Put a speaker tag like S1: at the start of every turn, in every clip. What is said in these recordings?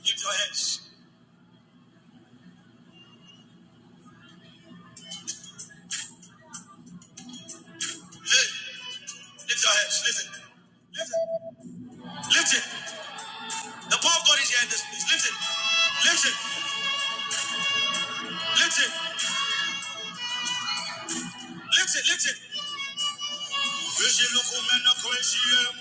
S1: Lift your hands. Lift. lift your hands. Lift it. Lift it. Lift it. The power of God is here in this place. Lift it. Lift it. Lift it. Lift it. Lift it. Ejilukumena kwesiye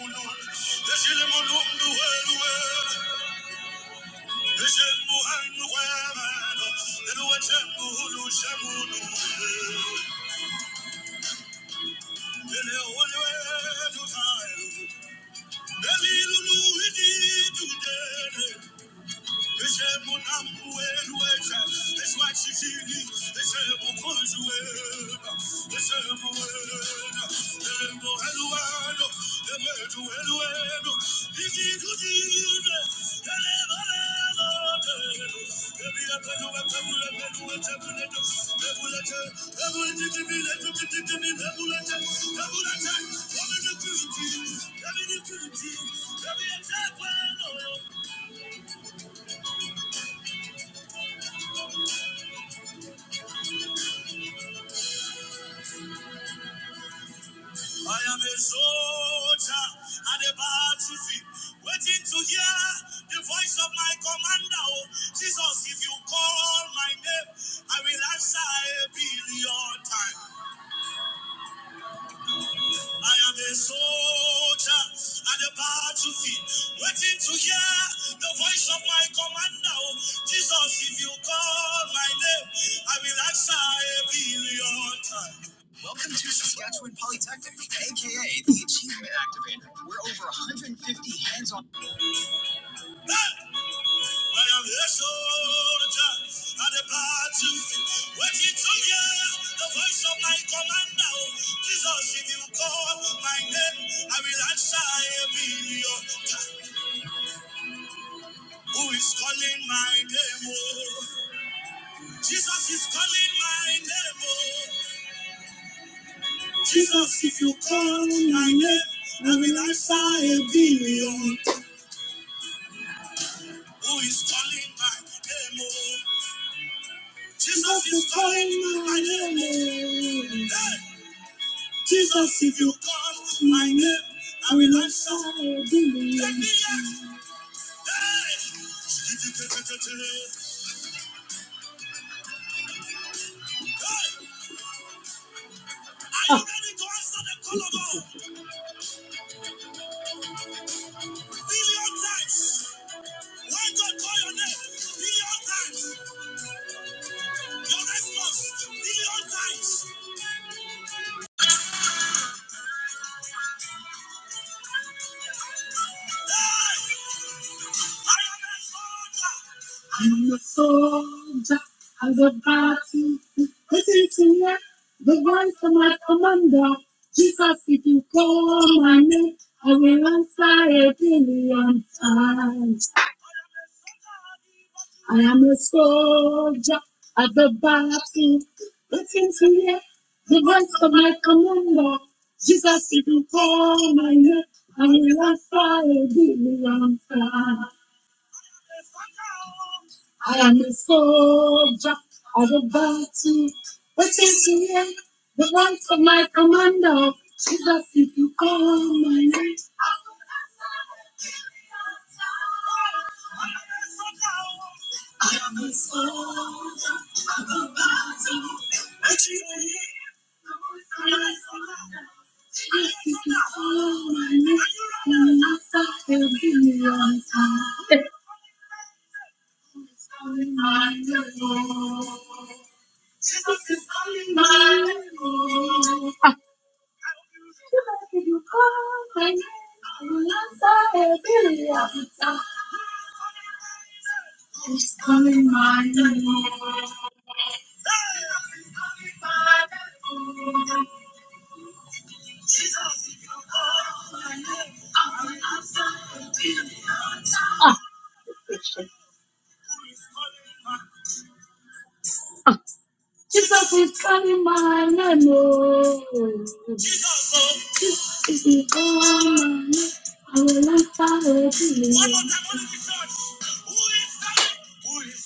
S1: Let Every I am a soldier at the battlefield, waiting to hear the voice of my commander. Oh, Jesus, if you call my name, I will answer a billion times. I am a soldier at the battlefield, waiting to hear the voice of my commander. Oh, Jesus, if you call my name, I will answer a billion times. Hey! I am here so I depart to waiting to hear the voice of my commander. Jesus, if you call my name, I will answer a billion Who is calling my name? Oh, Jesus is calling my name. Oh, Jesus, if you call my name, I will answer a Who is calling my name? Oh, Jesus is calling my name. Oh. Hey! Jesus, if you call my name, I will answer. Take me hear. Hey! Hey! Are you ready to answer the call of God? Billion times. When God call your name, billion times. Your response, billion times. Hey! I'm a soldier of the battle. Listen to me, the voice of my commander. Jesus, if you call my name, I will answer a billion times. I am a soldier of the battle. Listen to me, the voice of my commander. Jesus, if you call my name, I will answer a billion times. I am a soldier of a battle. What is the name? The voice of my commander. Jesus, if you call my name. I will answer. I am a soldier of a battle. What is the voice of my commander. Jesus, if you call my name? I will answer. I will be your answer. Ah. Jesus is calling my name. oh. Jesus oh. Jesus is calling my name. I will answer it. One more time, one of the church. Who is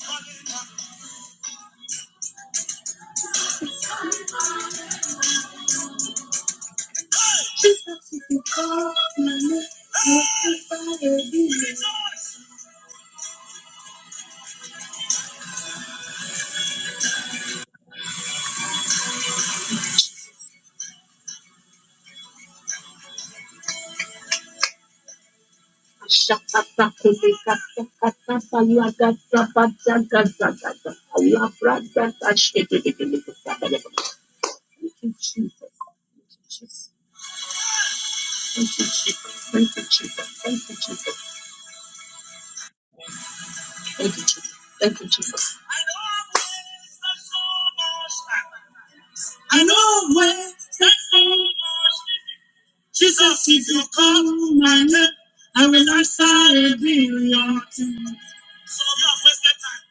S1: calling? Who is calling my name? He's calling my name. Hey! Jesus is calling my name. I will answer it. Rejoice! Ashakata Thank you, Jesus. Thank you, Jesus. Thank you, Jesus. Thank you, Jesus. Thank you, Jesus. Thank you, Jesus. Thank you, Jesus. I know where the so much. Jesus, if you call my name, I will answer a billion things. So you have wasted time.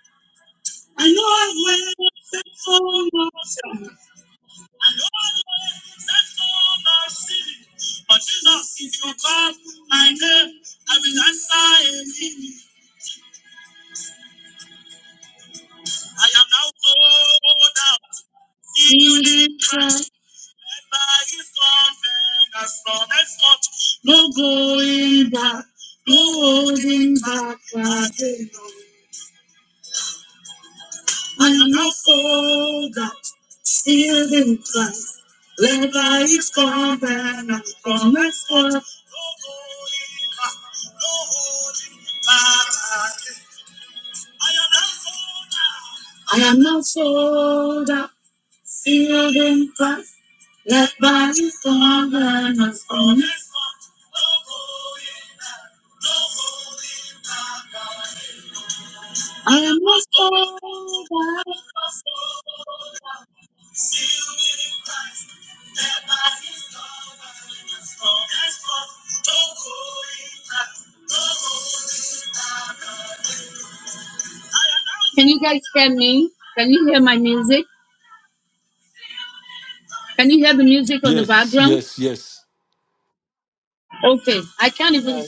S1: I know where the so much. I know that's all my city. But Jesus, if you call my name, I will answer him. I am now called out in the Christ. And by his confidence, from henceforth, no going back, no holding back again. I am now called out. Still in Christ, led by his combat, not from my squad. No holding back, no holding back. I am not sold out. I am not sold out. Still in Christ, led by his combat, not from my squad. I am not sold out. Can you can you music? Can you music on the
S2: Yes,
S1: background?
S2: yes, yes.
S1: Okay.
S3: Yeah,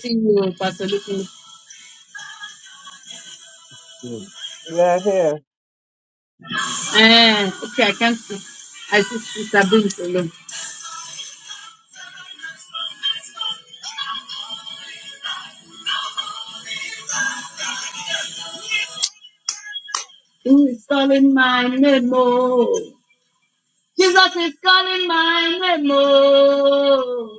S2: Mm.
S3: right here.
S1: uh, okay, I I just have been alone. Who is calling my name? Oh? Jesus is calling my name. Oh.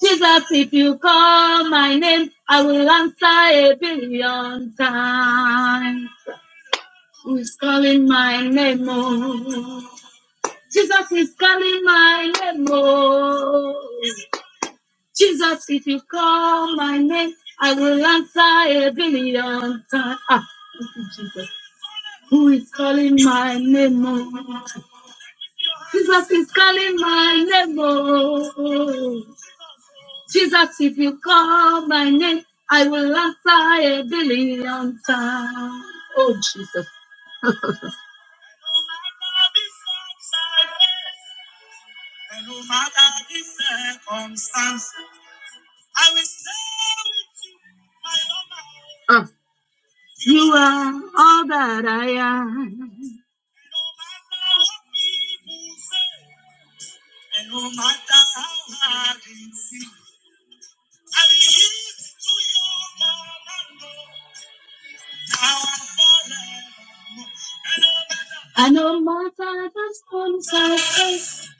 S1: Jesus, if you call my name, I will answer a billion times. Who's calling my name? Oh. Jesus is calling my name. Oh. Jesus, if you call my name, I will answer a billion times. Ah, thank you, Jesus. Who is calling my name? Oh. Jesus is calling my name. Oh. Jesus, if you call my name, I will answer a billion times. Oh, Jesus. And no matter the circumstance, I will stay with you, my Lord. Uh, you are all that I am. No matter what people say, and no matter how hard it is. And yield to your commando. Now And no matter and no matter the circumstances,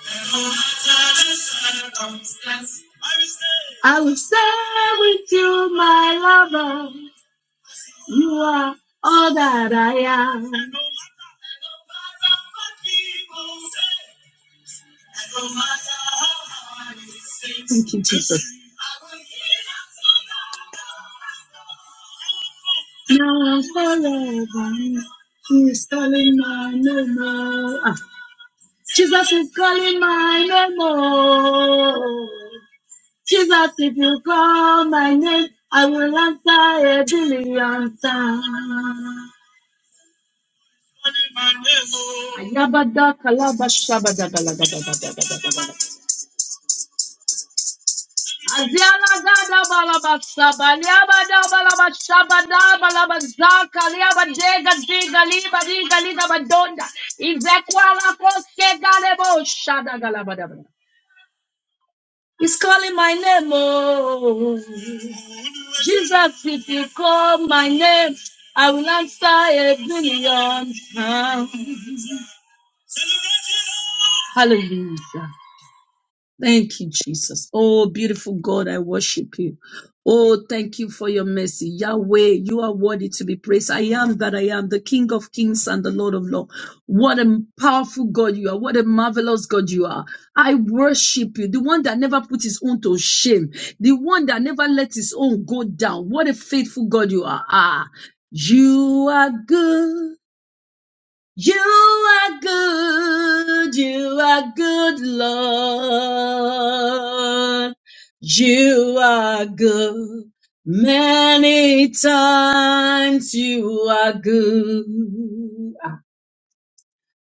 S1: and no matter the circumstance, I will stay. I will stay with you, my lover. You are all that I am. no and no matter what people say, and no matter how hard it seems, Thank you, Jesus. now and forever. He's calling my name. oh. Ah, Jesus is calling my name. oh. Jesus, if you call my name, I will answer a billion times. Calling my name. Ayabada kalaba shabada galagada. Azela gada balabasa baliaba da balabasa bada balabasa kaliaba dega dega liba dega liba badonda. Izekwala koske galebo shada galabada. He's calling my name, oh Jesus. If you call my name, I will answer a billion times. Hallelujah. Thank you, Jesus. Oh, beautiful God, I worship you. Oh, thank you for your mercy. Yahweh, you are worthy to be praised. I am that I am, the King of kings and the Lord of lords. What a powerful God you are. What a marvelous God you are. I worship you, the one that never put his own to shame, the one that never let his own go down. What a faithful God you are. Ah, you are good. You are good, you are good, Lord. You are good. Many times you are good.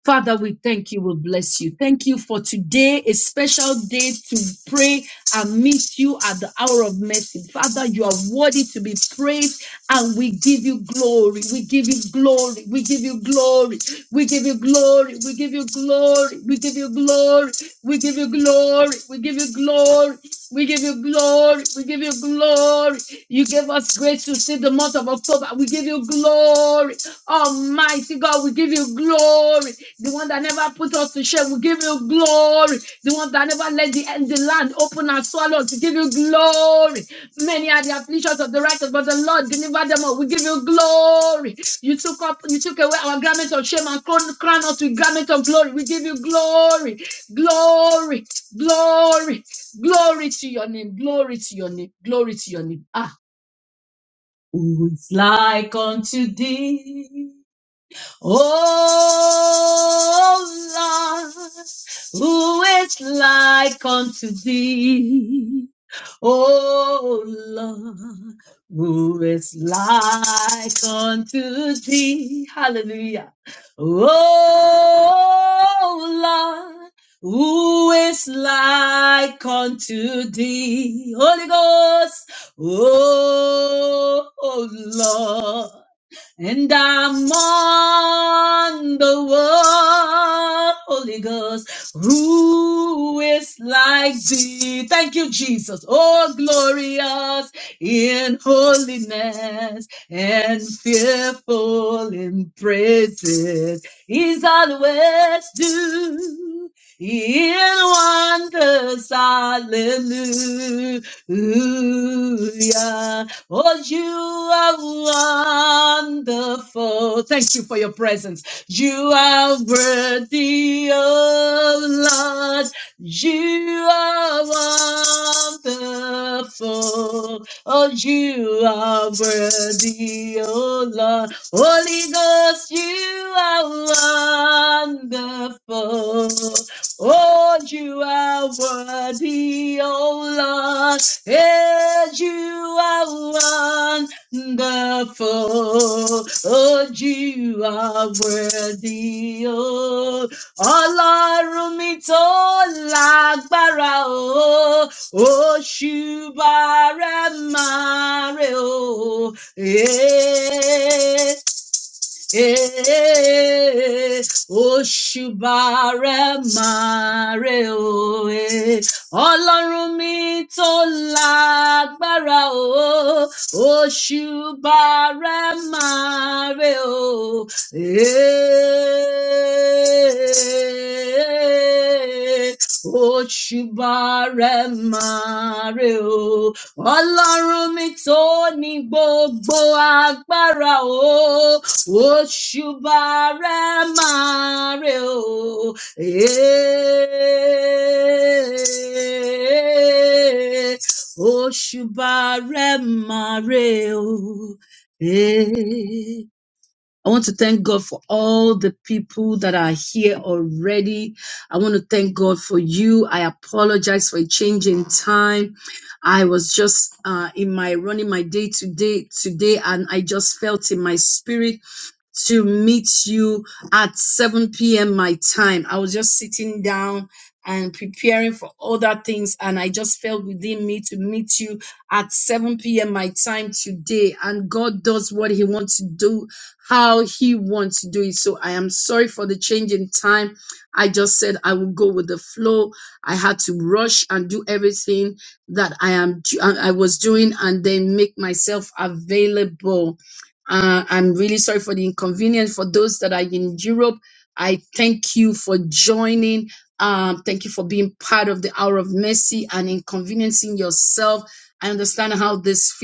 S1: Father, we thank you. We bless you. Thank you for today, a special day to pray and meet you at the hour of mercy. Father, you are worthy to be praised and we give you glory. We give you glory. We give you glory. We give you glory. We give you glory. We give you glory. We give you glory glory. We give you glory. We give you glory. We give you glory. You gave us grace to see the month of October. We give you glory. Almighty God, we give you glory. The one that never put us to shame, we give you glory. The one that never let the, the land open and swallow us, we give you glory. Many are the afflictions of the righteous, but the Lord delivered them all. We give you glory. You took up, you took away our garment of shame and crown, us with garment of glory. We give you glory, glory. Glory, glory to your name, glory to your name, glory to your name. Ah, who is like unto thee? Oh Lord, who is like unto thee? Oh Lord, who is like unto thee? Hallelujah. Oh Lord, who is like unto thee? Holy Ghost. Oh Lord. And I'm on the one Holy Ghost, who is like thee. Thank you, Jesus. Oh, glorious in holiness and fearful in praises. He's always due in wonders. Hallelujah. Oh, you are wonderful. Thank you for your presence. You are worthy, oh Lord. You are wonderful. Oh, you are worthy, oh Lord. Holy Ghost, you are wonderful. Lord, you are worthy, oh Lord, and you are wonderful. Oh, you are worthy, oh Ọlọ́run mi tó lágbára o, òṣùbà rẹ̀ máa rè o. Yes. Eh, Oṣùbàrẹ̀ máa rè o. eh. Ọlọ́run mi tó lágbára o. Oṣùbàrẹ̀ máa rè o. Eh, Òṣùbà rẹ̀ máa rè o. Ọlọ́run mi tó ní gbogbo agbára o. Òṣùbà rẹ̀ máa rè o. Èè. Òṣùbà máa rè o. Èè. I want to thank God for all the people that are here already. I want to thank God for you. I apologize for a change in time. I was just uh, in my running my day today today, and I just felt in my spirit to meet you at 7 p.m. my time. I was just sitting down and preparing for other things, and I just felt within me to meet you at 7 p.m. my time today. And God does what He wants to do how he wants to do it. So I am sorry for the change in time. I just said I will go with the flow. I had to rush and do everything that I am I was doing and then make myself available. Uh, I'm really sorry for the inconvenience for those that are in Europe. I thank you for joining, um, taking part and inconveniencing yourself. I understand how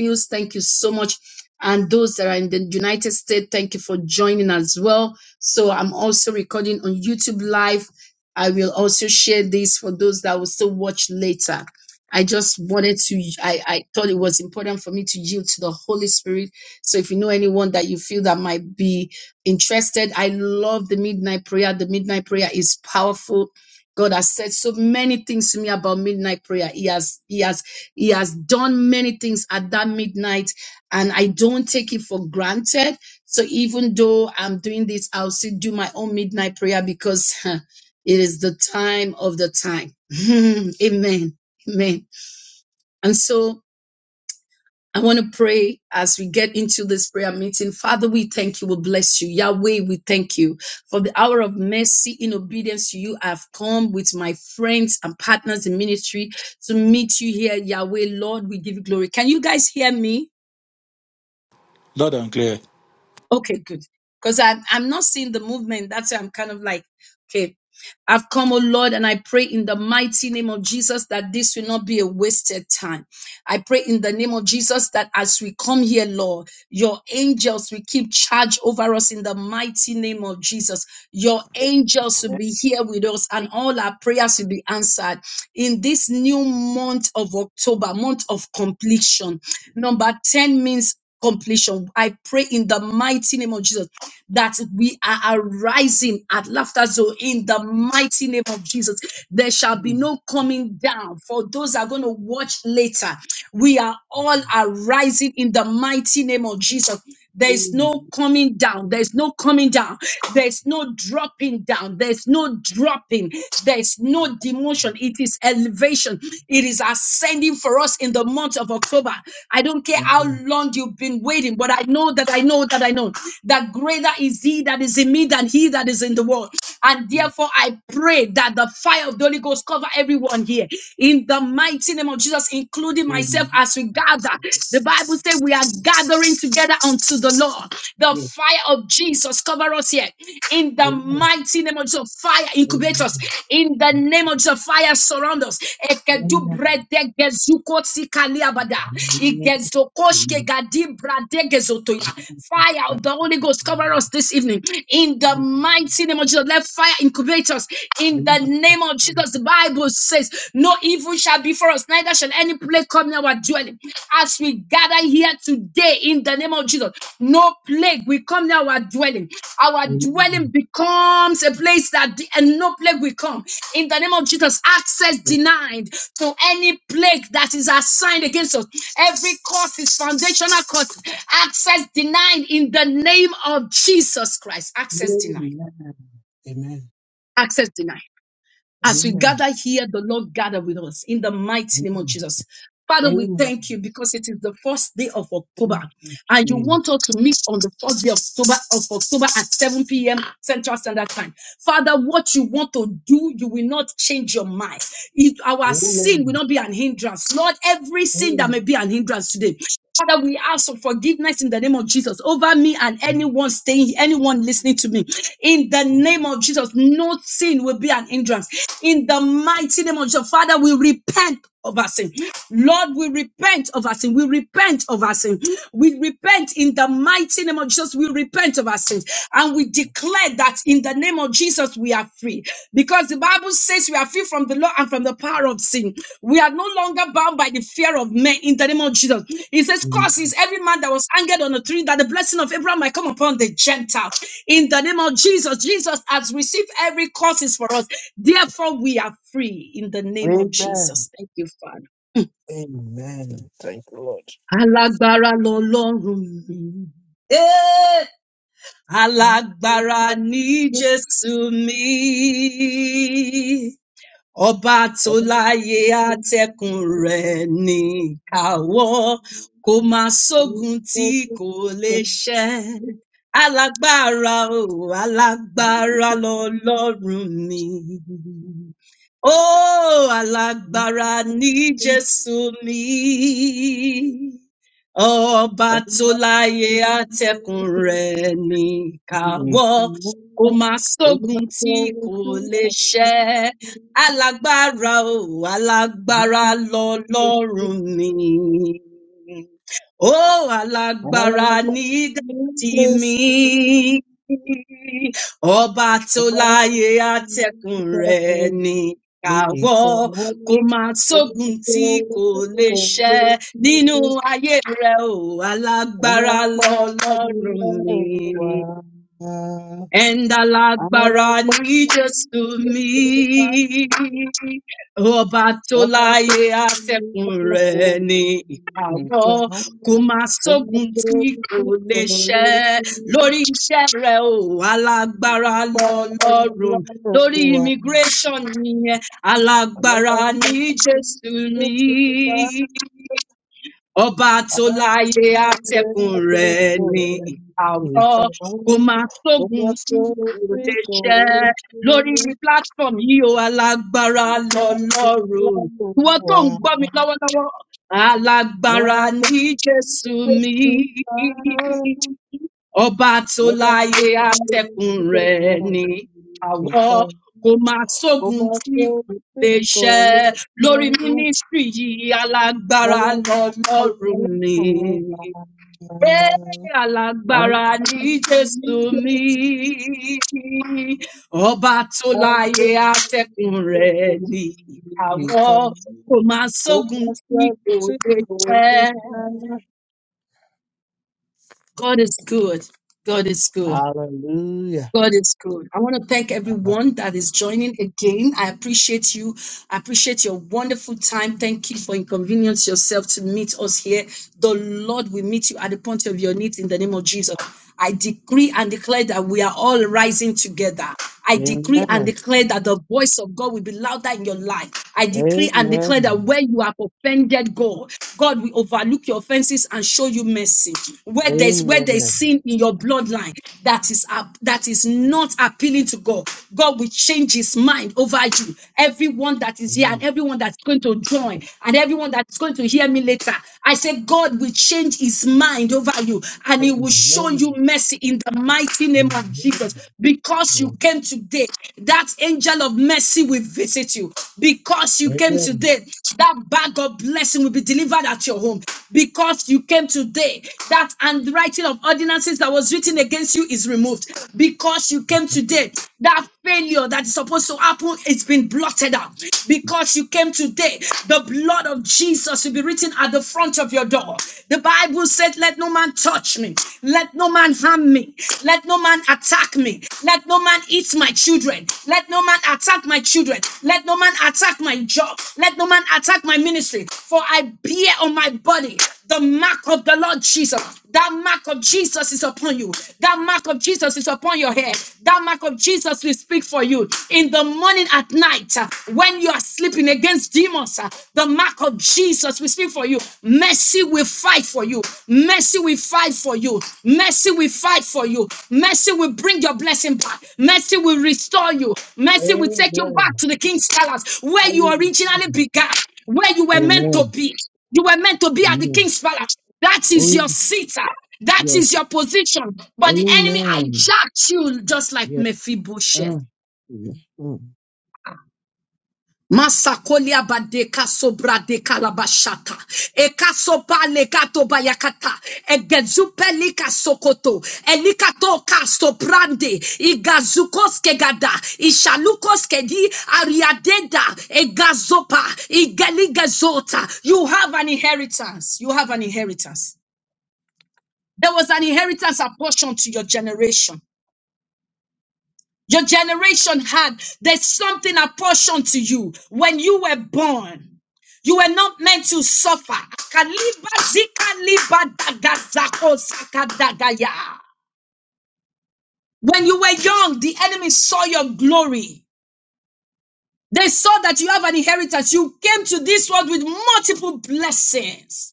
S1: you thank you so much. And those in the United States, thank you for joining as well. So I'm recording. YouTube live. I will also share this for those that will still watch later. I just wanted to, I, I thought it was important for me to yield to the Holy Spirit. So if you know anyone that you feel that might be interested, I love the midnight prayer. The midnight prayer is powerful. God has said so many things to me about midnight prayer. He has, he has, he has done many things at that midnight and I don't take it for granted. So even though I'm doing this, I'll still do my own midnight prayer because it is the time of the time. Amen. Amen. And so I want to pray as we get into this prayer meeting. Father, we thank you. We bless you. Yahweh, we thank you for the hour of mercy in obedience to you. I've come with my friends and partners in ministry to meet you here, Yahweh. Lord, we give you glory. Can you guys hear me?
S2: Loud and clear.
S1: Okay, good. Because I'm I'm not seeing the movement. That's why I'm kind of like, okay, I've come, oh Lord, and I pray in the mighty name of Jesus that this will not be a wasted time. I pray in the name of Jesus that as we come here, Lord, your angels will keep charge over us in the mighty name of Jesus. Your angels will be here with us, and all our prayers will be answered in this new month of October, month of completion. Number 10 means completion. I pray in the mighty name of Jesus that we are arising at laughter zone in the mighty name of Jesus. There shall be
S3: Mm,
S1: no coming down for those that are going to watch later. We are all arising in the mighty name of Jesus. There is
S3: mm,
S1: no coming down. There is no coming down. There is no dropping down. There is no dropping. There is no demotion. It is elevation. It is ascending for us in the month of October. I don't care how
S3: yeah,
S1: long you've been waiting, but I know that I know that I know that greater is He that is in me than He that is in the world. And therefore, I pray that the fire of the Holy Ghost cover everyone here in the mighty name of Jesus, including
S3: yeah,
S1: myself
S3: mm,
S1: yourself as we gather. The Bible says we are gathering together unto the Lord. The
S3: yeah,
S1: fire of Jesus cover us here. In the
S3: Amen.
S1: mighty name of Jesus, fire incubate us.
S3: Amen.
S1: In the name of Jesus, fire surround us. Ekedu
S3: Amen. Amen.
S1: brede gezuko tsikaliabada.
S3: Amen.
S1: Igezoko
S3: Amen.
S1: shkegadi brade gezotoya fire of the Holy Ghost cover us this evening. In the mighty name of Jesus, let fire incubate us. In the
S3: Amen.
S1: name of Jesus, the Bible says, No evil shall be for us, neither shall any plague come near our dwelling. As we gather here today, in the name of Jesus, no plague will come near our dwelling dwelling. Our dwelling becomes a place that the, and no plague will come. In the name of Jesus, access denied to any plague that is assigned against us. Every curse is foundational curse. Access denied in the name of Jesus Christ. Access denied. Access denied. As we
S3: Amen.
S1: gather here, the Lord gather with us in the mighty name of Jesus. Father, we
S3: Amen.
S1: thank you because it is the first day of October,
S3: Thank you,
S1: and you want
S3: Jesus.
S1: us to meet on the first day of October of October at 7 p.m. Central Standard Time. Father, what you want to do, you will not change your mind. It, our sin will
S3: Amen.
S1: not be an hindrance. Lord, every sin that
S3: Amen.
S1: may be an hindrance today, Father, we ask for forgiveness in the name of Jesus over me and anyone staying, anyone listening to me. In the name of Jesus, no sin will be an hindrance. In the mighty name of Jesus, Father, we repent of our sin. Lord, we repent of our sin. We repent of our sin. We repent in the mighty name of Jesus. We repent of our sins. And we declare that in the name of Jesus, we are free because the Bible says we are free from the law and from the power of sin. We are no longer bound by the fear of men in the name of Jesus. He says,
S3: Amen.
S1: Cause is every man that was angered on the tree that the blessing of Abraham might come upon the Gentile in the name of Jesus. Jesus has received every cause is for us, therefore, we are free in the name of
S3: Amen.
S1: Jesus. Thank you, Father.
S3: Amen. Thank you, Lord.
S1: Alágbára lọlọ́run mi.
S3: I
S1: Alágbára ni Jésù mi. Ọba tó láyé àtẹ̀kùn rẹ̀ ní káwọ́, kò má sógun tí kò lè ṣẹ́. Alágbára o, alágbára lọlọ́run mi. Ó alágbára ní Jésù mi. Ọba tó láyé àtẹ̀kùn rẹ̀ ní káwọ́ kò máa sógun tí kò lè ṣẹ alágbára o alágbára lọlọrun mi ó alágbára nígbà
S3: Thank
S1: tí mi
S3: you.
S1: ọba tó
S3: Thank
S1: láyé àtẹkùn rẹ ní káwọ kò máa sógun tí
S3: you.
S1: kò lè ṣẹ nínú ayé rẹ o alágbára lọlọrun mi and Alagbara ni Jésù mi. Ọba tó láyé atẹ́kùn rẹ̀ ni ìkáwọ́. Kò máa sógun tí kò lè ṣẹ́. Lórí iṣẹ́ rẹ̀ o, alágbára lọ́lọ́run. Lórí immigration nìyẹn, alágbára ni Jésù mi ọba tó
S3: Thank
S1: láyé àtẹkùn rẹ ní ìkàwọ kò máa sógun tí kò lè ṣẹ lórí platform yìí o alágbára lọlọrun ìwọ tó ń gbọ mi lọwọlọwọ alágbára ní jésù mi ọba tó láyé àtẹkùn rẹ ní àwọ kò máa sógun tí kò lè ṣẹ lórí mínísítírì yìí alágbára lọlọrun ni Ẹ alágbára ní jésù mi
S3: you.
S1: ọba tó
S3: Hallelujah.
S1: láyé atẹkùn rẹ ni àwọ kò máa sógun tí kò lè ṣẹ. god is good god is good. God is good. I want to thank everyone that is joining again. I appreciate you. I appreciate your wonderful time. Thank you for inconvenience yourself to meet us here. The Lord will meet you at the point of your needs in the name of Jesus. I decree and declare that we are all rising together. I decree and
S3: Amen.
S1: declare that the voice of God will be louder in your life. I
S3: Amen.
S1: decree and declare that
S3: Amen.
S1: where you have offended God, God will overlook your your offenses and show you mercy.
S3: Amen.
S1: Where there's where there's
S3: Amen.
S1: sin in your bloodline that is up that is not appealing to God, God will change his mind over you. Everyone that is here and
S3: Amen.
S1: everyone that's going to join and everyone that's going to hear me later. I say God will change his mind over you and he will show
S3: Amen.
S1: you mercy in the mighty name of Jesus because you came today. That angel of mercy will will visit you. Because
S3: Amen.
S1: you came
S3: Amen.
S1: today, that bag of blessing will be delivered at your home. Because you came today, that handwriting of ordinances that was written against you is removed. Because you came today, that failure that is supposed to happen, it's been blotted out. Because you came today, the blood of Jesus will be written at the front of your door. The Bible said, Let no man touch me, let no man harm harm me. Let no man attack me. Let no man eat my children. Let no man attack my children. Let no man attack my job. Let no man attack my ministry. For I bear on my body the mark of the Lord Jesus. That mark of Jesus is upon you. That mark of Jesus is upon your head. That mark of Jesus will speak for you. In the morning, at night, uh, when you are sleeping against demons, uh, the mark of Jesus, we speak for you. Mercy, will fight for you. Mercy, will fight for you. Mercy, will fight for you. Mercy, will bring your blessing back. Mercy, will restore you. Mercy, will take you back to the king's palace where you originally began, where you were meant to
S3: Amen.
S1: be. You were meant to be at the
S3: Amen.
S1: king's palace. That
S3: Oh,
S1: is
S3: yes.
S1: your seat. ah. That is
S3: Yes.
S1: your position. But the enemy
S3: Amen.
S1: hijacked you just like
S3: Yes.
S1: Mephibosheth.
S3: Ah, yes. Mm.
S1: Masakolia badeka sobra de kalabashata. Eka sopa lekato bayakata. egezupeli lika sokoto. Elikato ka soprande. Igazukos kegada. Ishalukos kedi ariadeda. Egazopa. Igeligazota. You have an inheritance. You have an inheritance. There was an inheritance apportioned to your generation your generation had. There's something apportioned to you when you were born. You were not meant to suffer. Akaliba zika liba daga zako saka daga ya. When you were young, the enemy saw your glory. They saw that you have an inheritance. You came to this world with multiple blessings.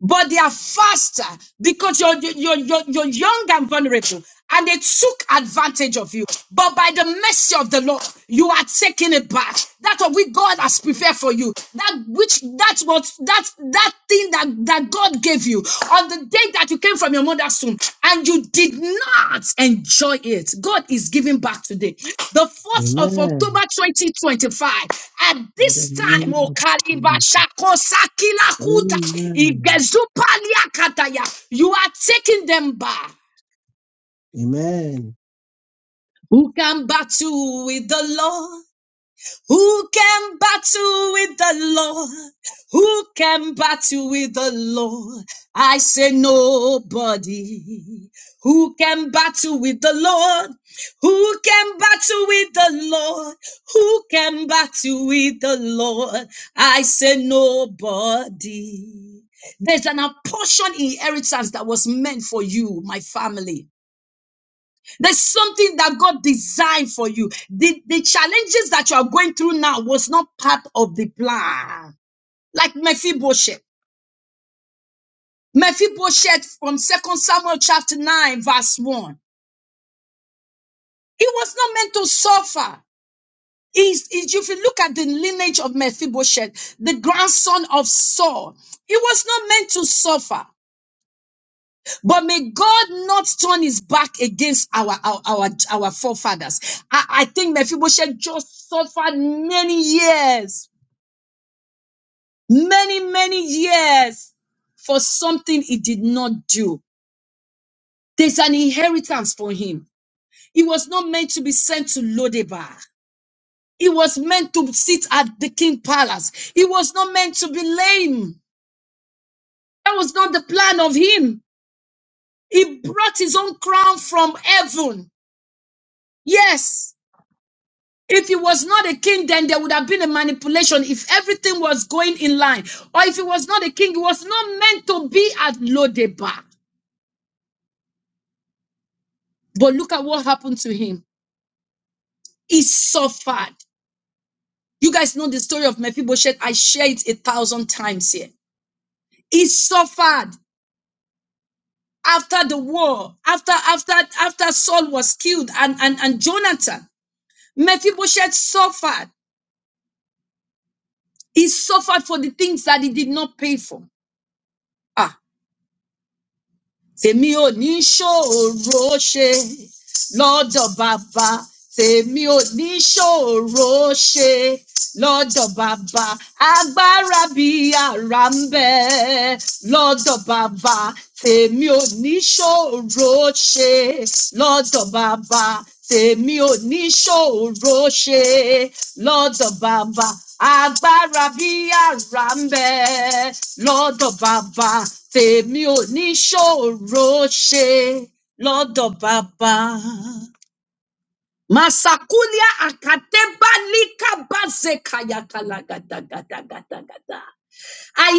S1: but they are faster because you're, you're, you're, you're young and vulnerable and they took advantage of you. But by the mercy of the Lord, you are taking it back. That's what we God has prepared for you. That which that's what that that thing that, that God gave you on the day that that you came from your mother's womb and you did not enjoy it. God is giving back today. The 4th of
S3: Amen.
S1: October 2025, at
S3: In the
S1: this time,
S3: name
S1: oh,
S3: of Jesus. Amen.
S1: you are taking them back.
S3: Amen.
S1: Who can battle with the Lord? Who can battle with the Lord? Who can battle with the Lord? I say nobody. Who can battle with the Lord? Who can battle with the Lord? Who can battle with the Lord? I say nobody. There's an apportioned inheritance that was meant for you, my family. There's something that God designed for you. The, the challenges that you are going through now was not part of the plan. Like Mephibosheth. Mephibosheth from Second Samuel chapter 9, verse 1. He was not meant to suffer. Is is- if you look at the lineage of Mephibosheth, the grandson of Saul, he was not meant to suffer. But may God not turn his back against our our our, our forefathers. I, I think Mephibosheth just suffered many years, many, many years for something he did not do. There's an inheritance for him. He was not meant to be sent to Lodebar. He was meant to sit at the king palace. He was not meant to be lame. That was not the plan of him. He brought his own crown from heaven. Yes, If he was not a king, then there would have been a manipulation if everything was going in line. Or if he was not a king, he was not meant to be at Lodebar. But look at what happened to him. He suffered. You guys know the story of Mephibosheth. I share it a thousand times here. He suffered after the war, after after after Saul was killed and, and, and Jonathan. Mephibosheth suffered. He suffered for the things that he did not pay for. Ah. tèmi ò ní ṣòro ṣe lọ́dọ̀ bàbá tèmi ò ní ṣòro ṣe lọ́dọ̀ bàbá agbára bí ara ń bẹ lọ́dọ̀ bàbá tèmi ò ní ṣòro ṣe lọ́dọ̀ bàbá tèmi ò ní ṣòro ṣe lọ́dọ̀ bàbá agbára bí ara ń bẹ lọ́dọ̀ bàbá tèmi ò ní ṣòro ṣe Lodo Baba. Masakulia akateba lika baze kaya kala gada gada gada gada. I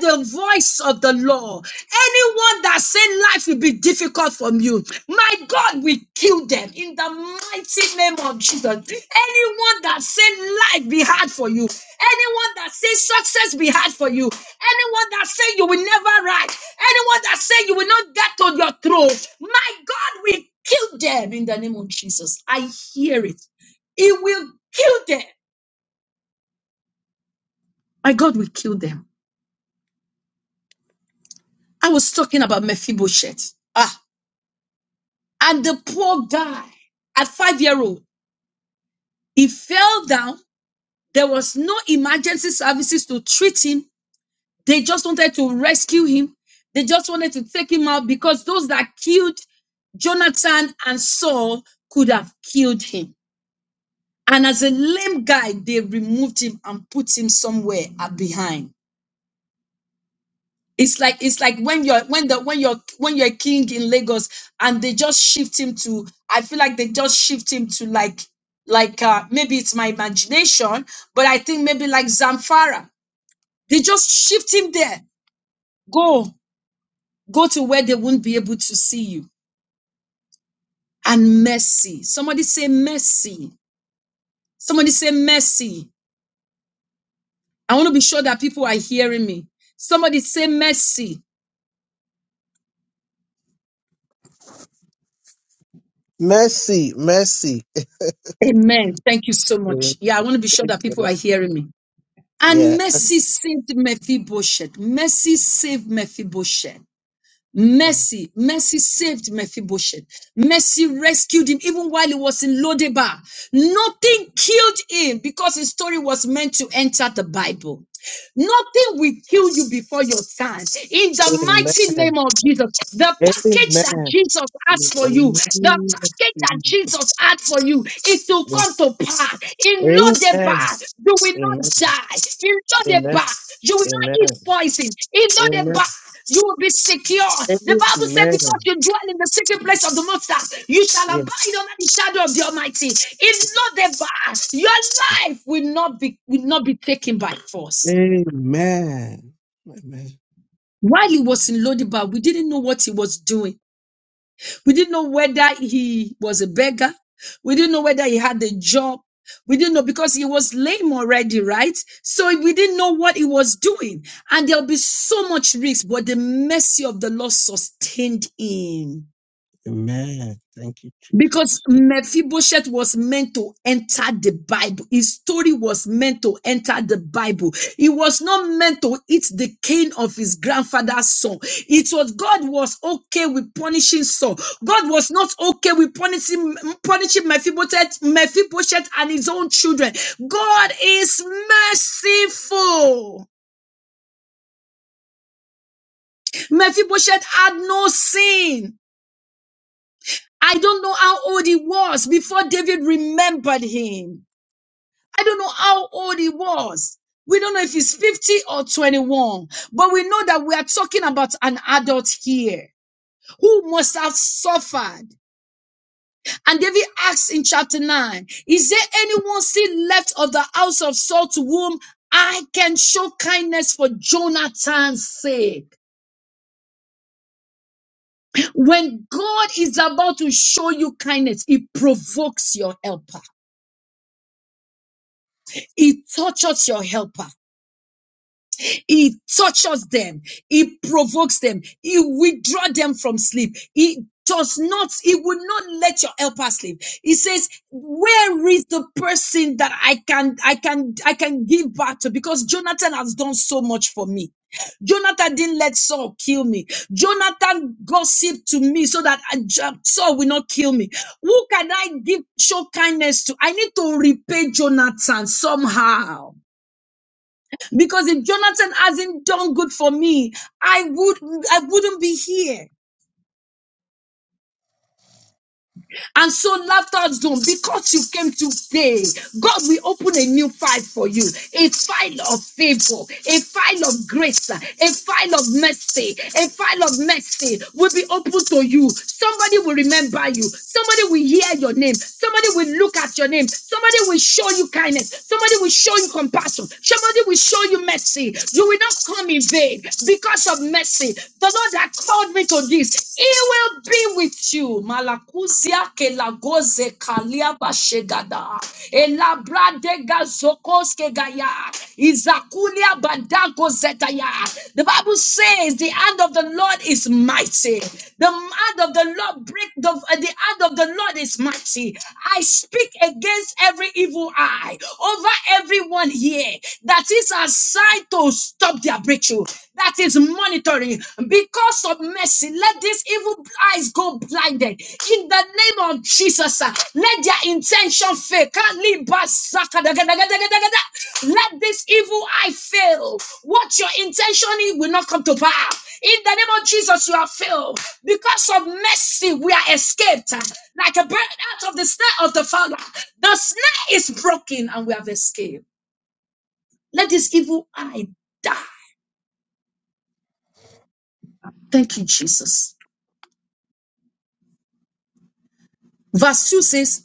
S1: hear the voice of the Lord. Anyone that say life will be difficult from you, my God will kill them in the mighty name of Jesus. Anyone that say life be hard for you, anyone that say success be hard for you, anyone that say you will never rise, anyone that say you will not get on your throne, my God will kill them in the name of Jesus. I hear it. It will kill them. My God will kill them. I was talking about Mephibosheth. Ah. And the poor guy at five year old, he fell down. There was no emergency services to treat him. They just wanted to rescue him. They just wanted to take him out because those that killed Jonathan and Saul could have killed him. And as a lame guy, they removed him and put him somewhere at behind. it's like it's like when you're when the when you're when you're king in Lagos and they just shift him to I feel like they just shift him to like like uh maybe it's my imagination, but I think maybe like Zamfara. They just shift him there. Go, go to where they won't be able to see you. And mercy. Somebody say mercy. Somebody say mercy. I want to be sure that people are hearing me. Somebody say mercy.
S3: Mercy, mercy.
S1: Amen. Thank you so
S3: Yeah.
S1: much. Yeah, I want to be sure
S3: Amen.
S1: that people are hearing me. And mercy saved Mephibosheth. Mercy saved Mephibosheth. Mercy, mercy saved Mephibosheth. Mercy rescued him even while he was in Lodebar. Nothing killed him because his story was meant to enter the Bible. Nothing will kill you before your time. In the
S3: Amen.
S1: mighty
S3: Amen.
S1: name of Jesus, the package that Jesus had
S3: Amen. Amen. Amen. Amen. Amen.
S1: for you, the
S3: Amen.
S1: package that Jesus had for you it will
S3: Yes.
S1: come to pass. In
S3: Amen.
S1: Lodebar, you will not die. In Lodebar, you will not eat poison. In Lodebar, you will be secure. The Bible said, because you dwell in the secret place of the Most High, you shall abide under the shadow of the Almighty. In Lodebar, your life will not be will not be taken by force.
S3: Amen.
S1: While he was in Lodibar, we didn't know what he was doing. We didn't know whether he was a beggar. We didn't know whether he had a job. We didn't know because he was lame already, right? So we didn't know what he was doing. And there'll be so much risk, but the mercy of the Lord sustained him
S3: Amen. Thank you,
S1: because
S3: Jesus.
S1: Mephibosheth was meant to enter the Bible. His story was meant to enter the Bible. He was not meant to eat the cane of his grandfather's son. It was God was okay with punishing Saul. God was not okay with punishing, punishing Mephibosheth, Mephibosheth and his own children. God is merciful. Mephibosheth had no sin. I don't know how old he was before David remembered him. I don't know how old he was. We don't know if he's 50 or 21, but we know that we are talking about an adult here who must have suffered. And David asks in chapter 9, Is there anyone still left of the house of Saul to whom I can show kindness for Jonathan's sake? When God is about to show you kindness, it provokes your helper, it tortures your helper. He touches them. He provokes them. He withdraws them from sleep. He does not, he will not let your helper sleep. He says, where is the person that I can, I can, I can give back to? Because Jonathan has done so much for me. Jonathan didn't let Saul kill me. Jonathan gossiped to me so that I- J- Saul will not kill me. Who can I give show kindness to? I need to repay Jonathan somehow. Because if Jonathan hasn't done good for me, I would I wouldn't be here. And so laughter zone, because you came today, God will open a new file for you, a file of favor, a file of grace, a file of mercy, a file of mercy will be open to you. Somebody will remember you. Somebody will hear your name. Somebody will look at your name. Somebody will show you kindness. Somebody will show you compassion. Somebody will show you mercy. You will not come in vain because of mercy. The Lord that called me to to this. He will be with you. Malakuzia kelagoze kaliaba shegada. Elabradega zokoske gaya. Izakulia badago zetaya. The Bible says the hand of the Lord is mighty. The hand of the Lord break the, uh, the hand of the Lord is mighty. I speak against every evil eye over everyone here that is assigned to stop their breakthrough breakthrough that is monitoring because of mercy. Let these evil eyes go blinded in the name of Jesus. uh, Let their intention fail. Let this evil eye fail. What your intention is will not come to pass. In the name of Jesus, you are failed. Because of mercy, we are escaped uh, like a bird out of the snare of the fowler. The snare is broken and we have escaped. Let this evil eye die. Thank you, Jesus. Verse 2 says,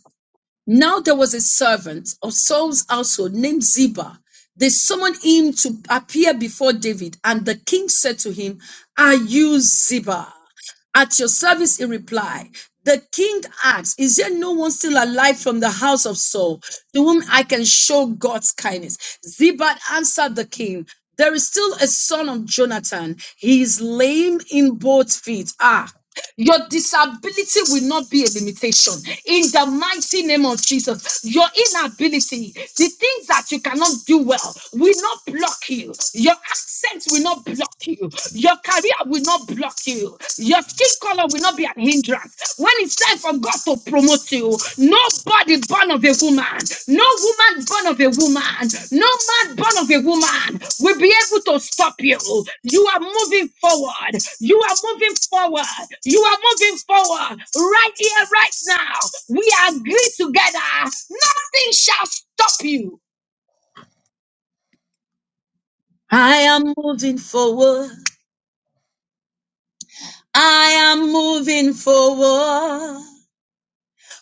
S1: Now there was a servant of Saul's household named Ziba. They summoned him to appear before David, and the king said to him, Are you Ziba? At your service, he replied. The king asked, Is there no one still alive from the house of Saul to whom I can show God's kindness? Ziba answered the king, There is still a son of Jonathan. He is lame in both feet. Ah, your disability will not be a limitation. In the mighty name of Jesus, your inability, the things that you cannot do well, will not block you. Your accent will not block you. Your career will not block you. Your skin color will not be an hindrance. When it's time for God to promote you, Nobody born of a woman, no woman born of a woman, no man born of a woman will be able to stop you. You are moving forward. You are moving forward. You are moving forward right here, right now. We agree together. Nothing shall stop you. I am moving forward. I am moving forward.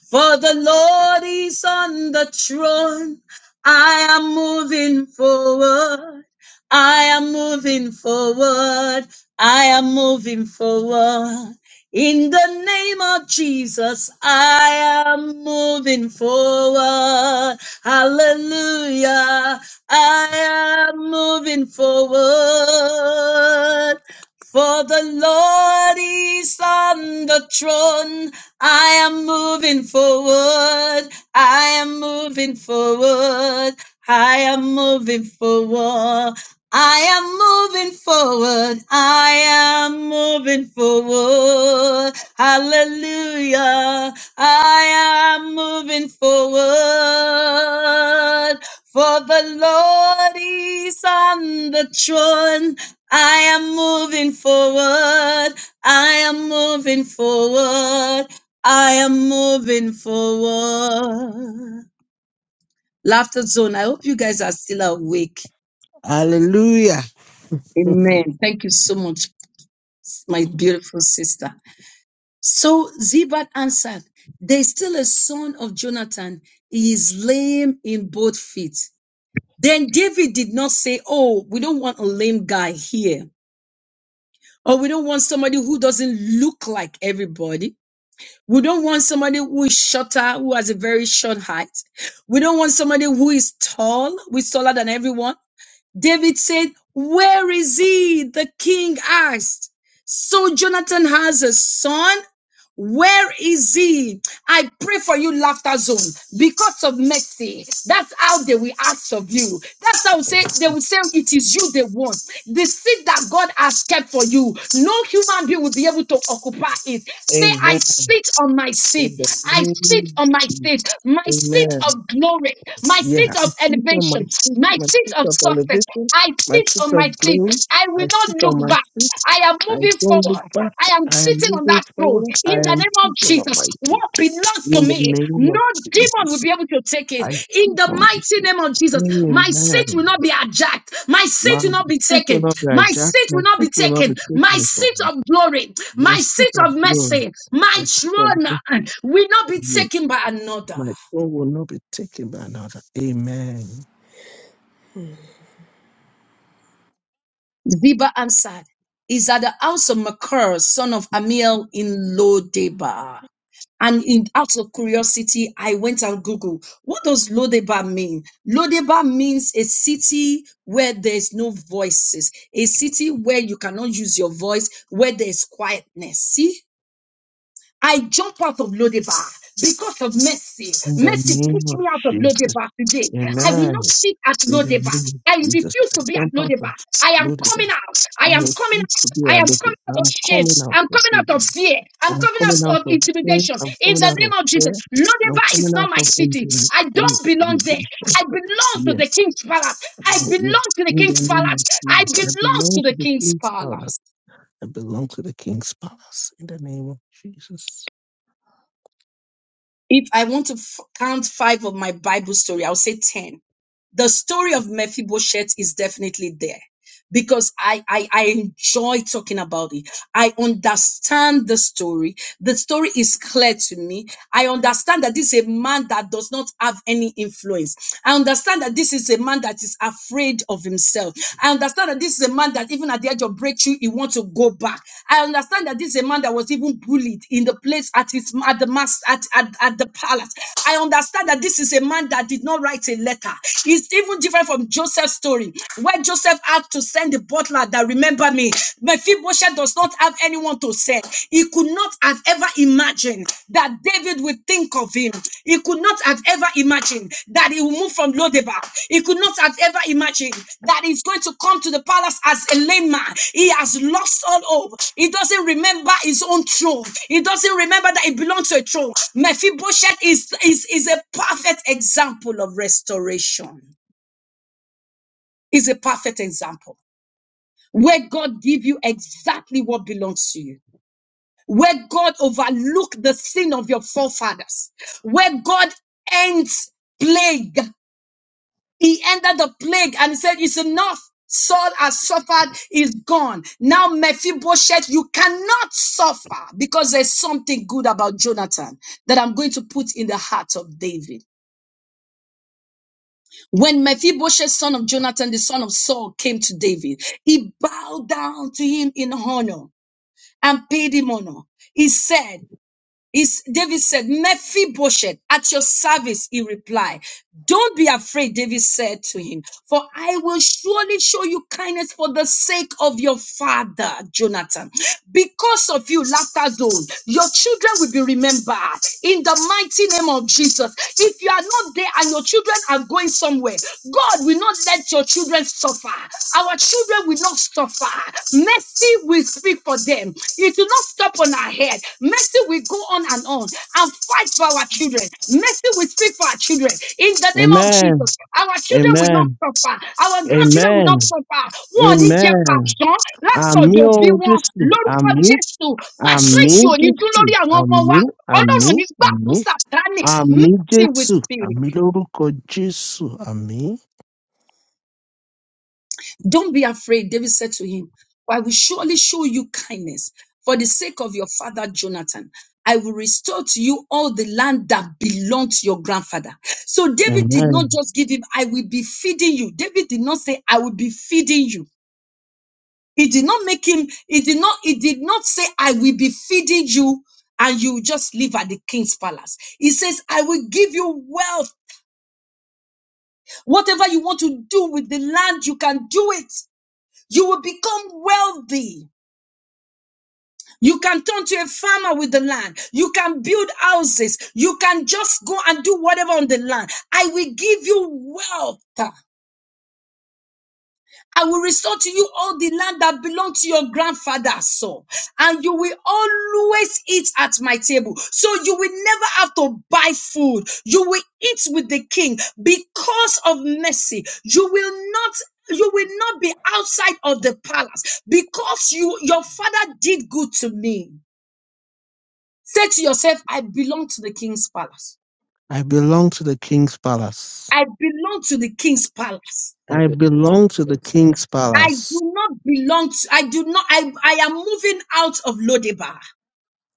S1: For the Lord is on the throne. I am moving forward. I am moving forward. I am moving forward. In the name of Jesus, I am moving forward. Hallelujah. I am moving forward. For the Lord is on the throne. I am moving forward. I am moving forward. I am moving forward. I am moving forward. I am moving forward. Hallelujah. I am moving forward. For the Lord is on the throne. I am moving forward. I am moving forward. I am moving forward. Laughter zone. I hope you guys are still awake.
S3: Hallelujah.
S1: Amen. Thank you so much, my beautiful sister. So Zibat answered, There is still a son of Jonathan. He is lame in both feet. Then David did not say, Oh, we don't want a lame guy here. Or we don't want somebody who doesn't look like everybody We don't want somebody who is shorter, who has a very short height. We don't want somebody who is tall, who is taller than everyone. David said, Where is he? The king asked. So Jonathan has a son where is he? I pray for you, laughter zone, because of mercy. That's how they will ask of you. That's how say they will say it is you they want. The seat that God has kept for you, no human being will be able to occupy it. Say, I
S3: Amen.
S1: sit on my
S3: In
S1: seat.
S3: the
S1: I sit
S3: name
S1: on my seat. My
S3: of Jesus.
S1: seat of glory. My
S3: Yeah,
S1: seat
S3: I
S1: of
S3: sit on my
S1: elevation.
S3: seat,
S1: My
S3: my
S1: seat
S3: seat
S1: of
S3: of
S1: success.
S3: elevation,
S1: I
S3: my
S1: sit
S3: seat
S1: on my
S3: of
S1: seat.
S3: glory.
S1: I will
S3: I sit
S1: not
S3: on
S1: look
S3: my
S1: back.
S3: seat.
S1: I am
S3: I
S1: moving
S3: don't look
S1: forward.
S3: back.
S1: I am
S3: I am
S1: sitting on
S3: moving
S1: that throne
S3: forward.
S1: in
S3: I
S1: the
S3: am
S1: name of
S3: sitting on
S1: Jesus.
S3: my seat.
S1: What belongs to
S3: In the
S1: me,
S3: name of
S1: no demon will
S3: Jesus,
S1: be able to take it.
S3: I
S1: In
S3: sit
S1: the
S3: on my
S1: mighty
S3: seat.
S1: name of Jesus, my seat will
S3: Amen.
S1: not be hijacked. My seat
S3: My
S1: will not be
S3: seat will
S1: taken.
S3: not be
S1: My
S3: hijacked.
S1: seat
S3: My
S1: will not be
S3: seat will not
S1: taken.
S3: be
S1: My
S3: taken from
S1: seat
S3: me.
S1: of glory,
S3: My
S1: my
S3: seat
S1: seat
S3: of
S1: of
S3: glory,
S1: mercy,
S3: my
S1: my
S3: seat of
S1: throne uh,
S3: mercy.
S1: will not be
S3: Yes,
S1: taken by another.
S3: my throne will not be taken by another. Amen.
S1: Ziba answered, Is at the house of Makur, son of Amiel in Lodebar. And in, out of curiosity, I went and Googled, what does Lodebar mean? Lodebar means a city where there's no voices, a city where you cannot use your voice, where there's quietness. See? I jump out of Lodebar because of mercy.
S3: In the
S1: Mercy
S3: name
S1: pushed
S3: of
S1: me out of
S3: Jesus.
S1: Lodebar today. I will not
S3: Amen.
S1: sit at
S3: In the
S1: Lodebar.
S3: name of
S1: I
S3: Jesus.
S1: refuse
S3: I
S1: to be at
S3: jump out
S1: Lodebar.
S3: of
S1: I am coming
S3: Buddhism.
S1: out. I
S3: I
S1: am coming
S3: refuse to
S1: out.
S3: be
S1: I
S3: a
S1: am
S3: little.
S1: coming out of
S3: I'm
S1: shame.
S3: coming out
S1: I'm
S3: of
S1: coming out of
S3: Buddhism.
S1: fear. I'm
S3: I'm
S1: coming
S3: coming
S1: out
S3: out
S1: of
S3: of pain.
S1: intimidation.
S3: I'm
S1: In
S3: coming
S1: the
S3: out of
S1: name of Jesus,
S3: fear. I'm
S1: Lodebar is
S3: coming
S1: not
S3: out
S1: my
S3: of
S1: city.
S3: intim-
S1: I don't belong there.
S3: intimidation.
S1: I belong to
S3: Yes.
S1: the King's Palace. I
S3: uh, Yes.
S1: belong to the
S3: In the
S1: King's
S3: name of
S1: Palace. I
S3: Jesus. I
S1: belong
S3: belong
S1: to
S3: to
S1: the
S3: the
S1: King's
S3: King's Palace.
S1: Palace.
S3: I belong to the King's Palace. In the name of Jesus.
S1: If I want to f- count five of my Bible story, I'll say 10. The story of Mephibosheth is definitely there because I, I I enjoy talking about it. I understand the story. The story is clear to me. I understand that this is a man that does not have any influence. I understand that this is a man that is afraid of himself. I understand that this is a man that even at the edge of breakthrough, he wants to go back. I understand that this is a man that was even bullied in the place at his at the mass at, at, at the palace. I understand that this is a man that did not write a letter. It's even different from Joseph's story. Where Joseph had to send the butler that remember me, Mephibosheth does not have anyone to send. He could not have ever imagined that David would think of him. He could not have ever imagined that he will move from Lodebar. He could not have ever imagined that he's going to come to the palace as a lame man. He has lost all hope. He doesn't remember his own throne. He doesn't remember that he belongs to a throne. Mephibosheth is, is, is a perfect example of restoration. Is a perfect example where God give you exactly what belongs to you, where God overlook the sin of your forefathers, where God ends plague. He ended the plague and said, it's enough. Saul has suffered, is gone. Now Mephibosheth, you cannot suffer because there's something good about Jonathan that I'm going to put in the heart of David. When Mephibosheth, son of Jonathan, the son of Saul, came to David, he bowed down to him in honor. and paid him honor. He said, is David said, Mephibosheth, at your service, he replied. Don't be afraid, David said to him, for I will surely show you kindness for the sake of your father, Jonathan. Because of you, laughter zone, your children will be remembered in the mighty name of Jesus. If you are not there and your children are going somewhere, God will not let your children suffer. Our children will not not suffer. Mercy will speak for them. It will not stop on our head. Mercy will go on and on and fight for our children. Mercy will speak for our children. In the name of
S3: Amen.
S1: Jesus, our children will not
S3: Amen.
S1: suffer. Our grandchildren will not
S3: Amen.
S1: suffer. Wọ́n ò ní jẹ́
S3: Amen.
S1: pàṣán
S3: Àmì
S1: látọ̀dọ̀ òbí
S3: ohun
S1: wọn
S3: Jésù.
S1: lórúkọ
S3: Àmì.
S1: Jésù. Pàṣán
S3: Àmì
S1: ìṣòní dún lórí
S3: Jésù.
S1: àwọn ọmọ wa.
S3: Àmì.
S1: Ọlọ́run
S3: Àmì.
S1: ò ní gbà fún
S3: Àmì.
S1: Sàtánì.
S3: Àmì
S1: Mercy will
S3: Jésù.
S1: speak.
S3: Àmì lórúkọ Jésù. Àmì.
S1: Don't be afraid, David said to him, for I will surely show you kindness for the sake of your father Jonathan. I will restore to you all the land that belonged to your grandfather. So David did
S3: Amen.
S1: not just give him, I will be feeding you. David did not say, I will be feeding you. He did not make him, he did not, he did not say, I will be feeding you and you just live at the king's palace. He says, I will give you wealth. Whatever you want to do with the land, you can do it. You will become wealthy. You can turn to a farmer with the land. You can build houses. You can just go and do whatever on the land. I will give you wealth. I will restore to you all the land that belonged to your grandfather, so and you will always eat at my table. So you will never have to buy food. You will eat with the king because of mercy. You will not you will not be outside of the palace because you your father did good to me. Say to yourself, I belong to the king's palace.
S3: I belong to the king's palace.
S1: I belong to the king's palace.
S4: I
S3: I
S4: belong to the
S3: belong to the
S4: king's part.
S3: king's
S1: I
S3: palace.
S1: do not belong to, I do not, I, I am moving out of Lodibar.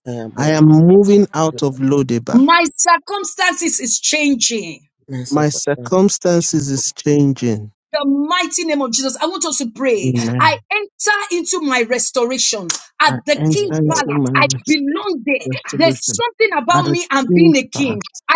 S4: I am
S3: I
S4: over the
S3: am moving
S4: door.
S3: out of Lodeba.
S1: My circumstances is changing.
S4: My
S3: My
S4: circumstances is
S3: circumstances
S4: changing.
S3: is changing.
S1: the mighty name of Jesus. I want us to pray. I
S3: Amen.
S1: enter into my restoration
S3: I
S1: at the
S4: My
S3: enter
S1: king's
S4: life
S3: into
S1: palace.
S3: my
S1: I
S4: is
S3: rest.
S1: belong there. There's
S3: restoration.
S1: something
S3: At
S1: about
S3: a
S1: me and being
S3: king's
S1: a king.
S3: palace,
S1: I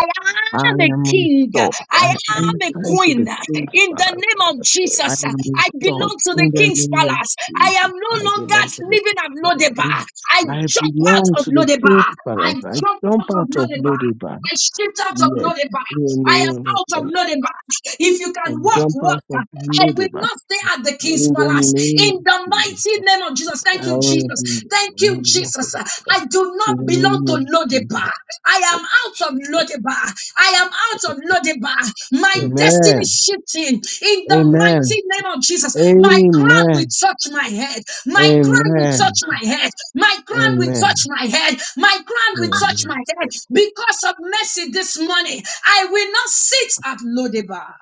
S3: I
S1: am a
S3: am
S1: king.
S3: restored. I
S1: I am a
S4: changing.
S3: enter into
S1: queen.
S3: the king's
S1: In the
S3: palace.
S4: But
S1: name of
S3: I
S1: Jesus,
S3: am
S1: I
S3: restored
S1: belong to the
S3: in the
S1: king's
S3: name of
S1: palace. I am
S3: Jesus.
S4: I
S1: no longer
S4: belong to the
S1: living
S4: king's
S1: at
S4: part.
S1: Lodeba. I
S4: And
S3: I
S1: jump
S3: belong
S1: out of
S3: to the king's
S1: Lodeba. I
S3: palace. I
S1: jump
S3: jump
S1: out of
S3: out of
S1: Lodeba.
S3: Lodibar.
S1: I shift out of
S3: Yes,
S1: Lodebar.
S3: in the
S1: I am
S3: name of
S1: out of
S3: Jesus.
S1: Lodebar. If you
S3: I
S1: can walk,
S4: um,
S3: jump
S1: walk.
S3: out of
S1: I will
S3: Lodibar.
S1: not stay at the king's
S4: um,
S3: In the
S1: palace.
S3: name of
S1: In the
S3: Jesus.
S1: mighty name of Jesus.
S4: it's not
S1: Thank
S3: I
S1: you,
S3: will be in
S1: Jesus. Thank you,
S4: just a little
S1: Jesus.
S4: bit, but
S1: I do not
S3: the
S1: belong
S3: name
S1: to
S3: of Jesus.
S1: Lodebar. I am out of Lodebar. I am
S4: I
S1: out of
S4: just
S1: Lodiba. My
S4: feel that it's
S1: destiny
S3: Amen.
S1: shifting in the
S4: not
S3: Amen.
S1: mighty name of Jesus. My crown will
S3: Amen.
S1: touch my head. My crown will
S3: Amen.
S1: touch my head. My crown will touch
S3: Amen.
S1: my head. My crown will touch
S3: Amen.
S1: my head. Because of mercy this morning, I will not sit at Lodiba.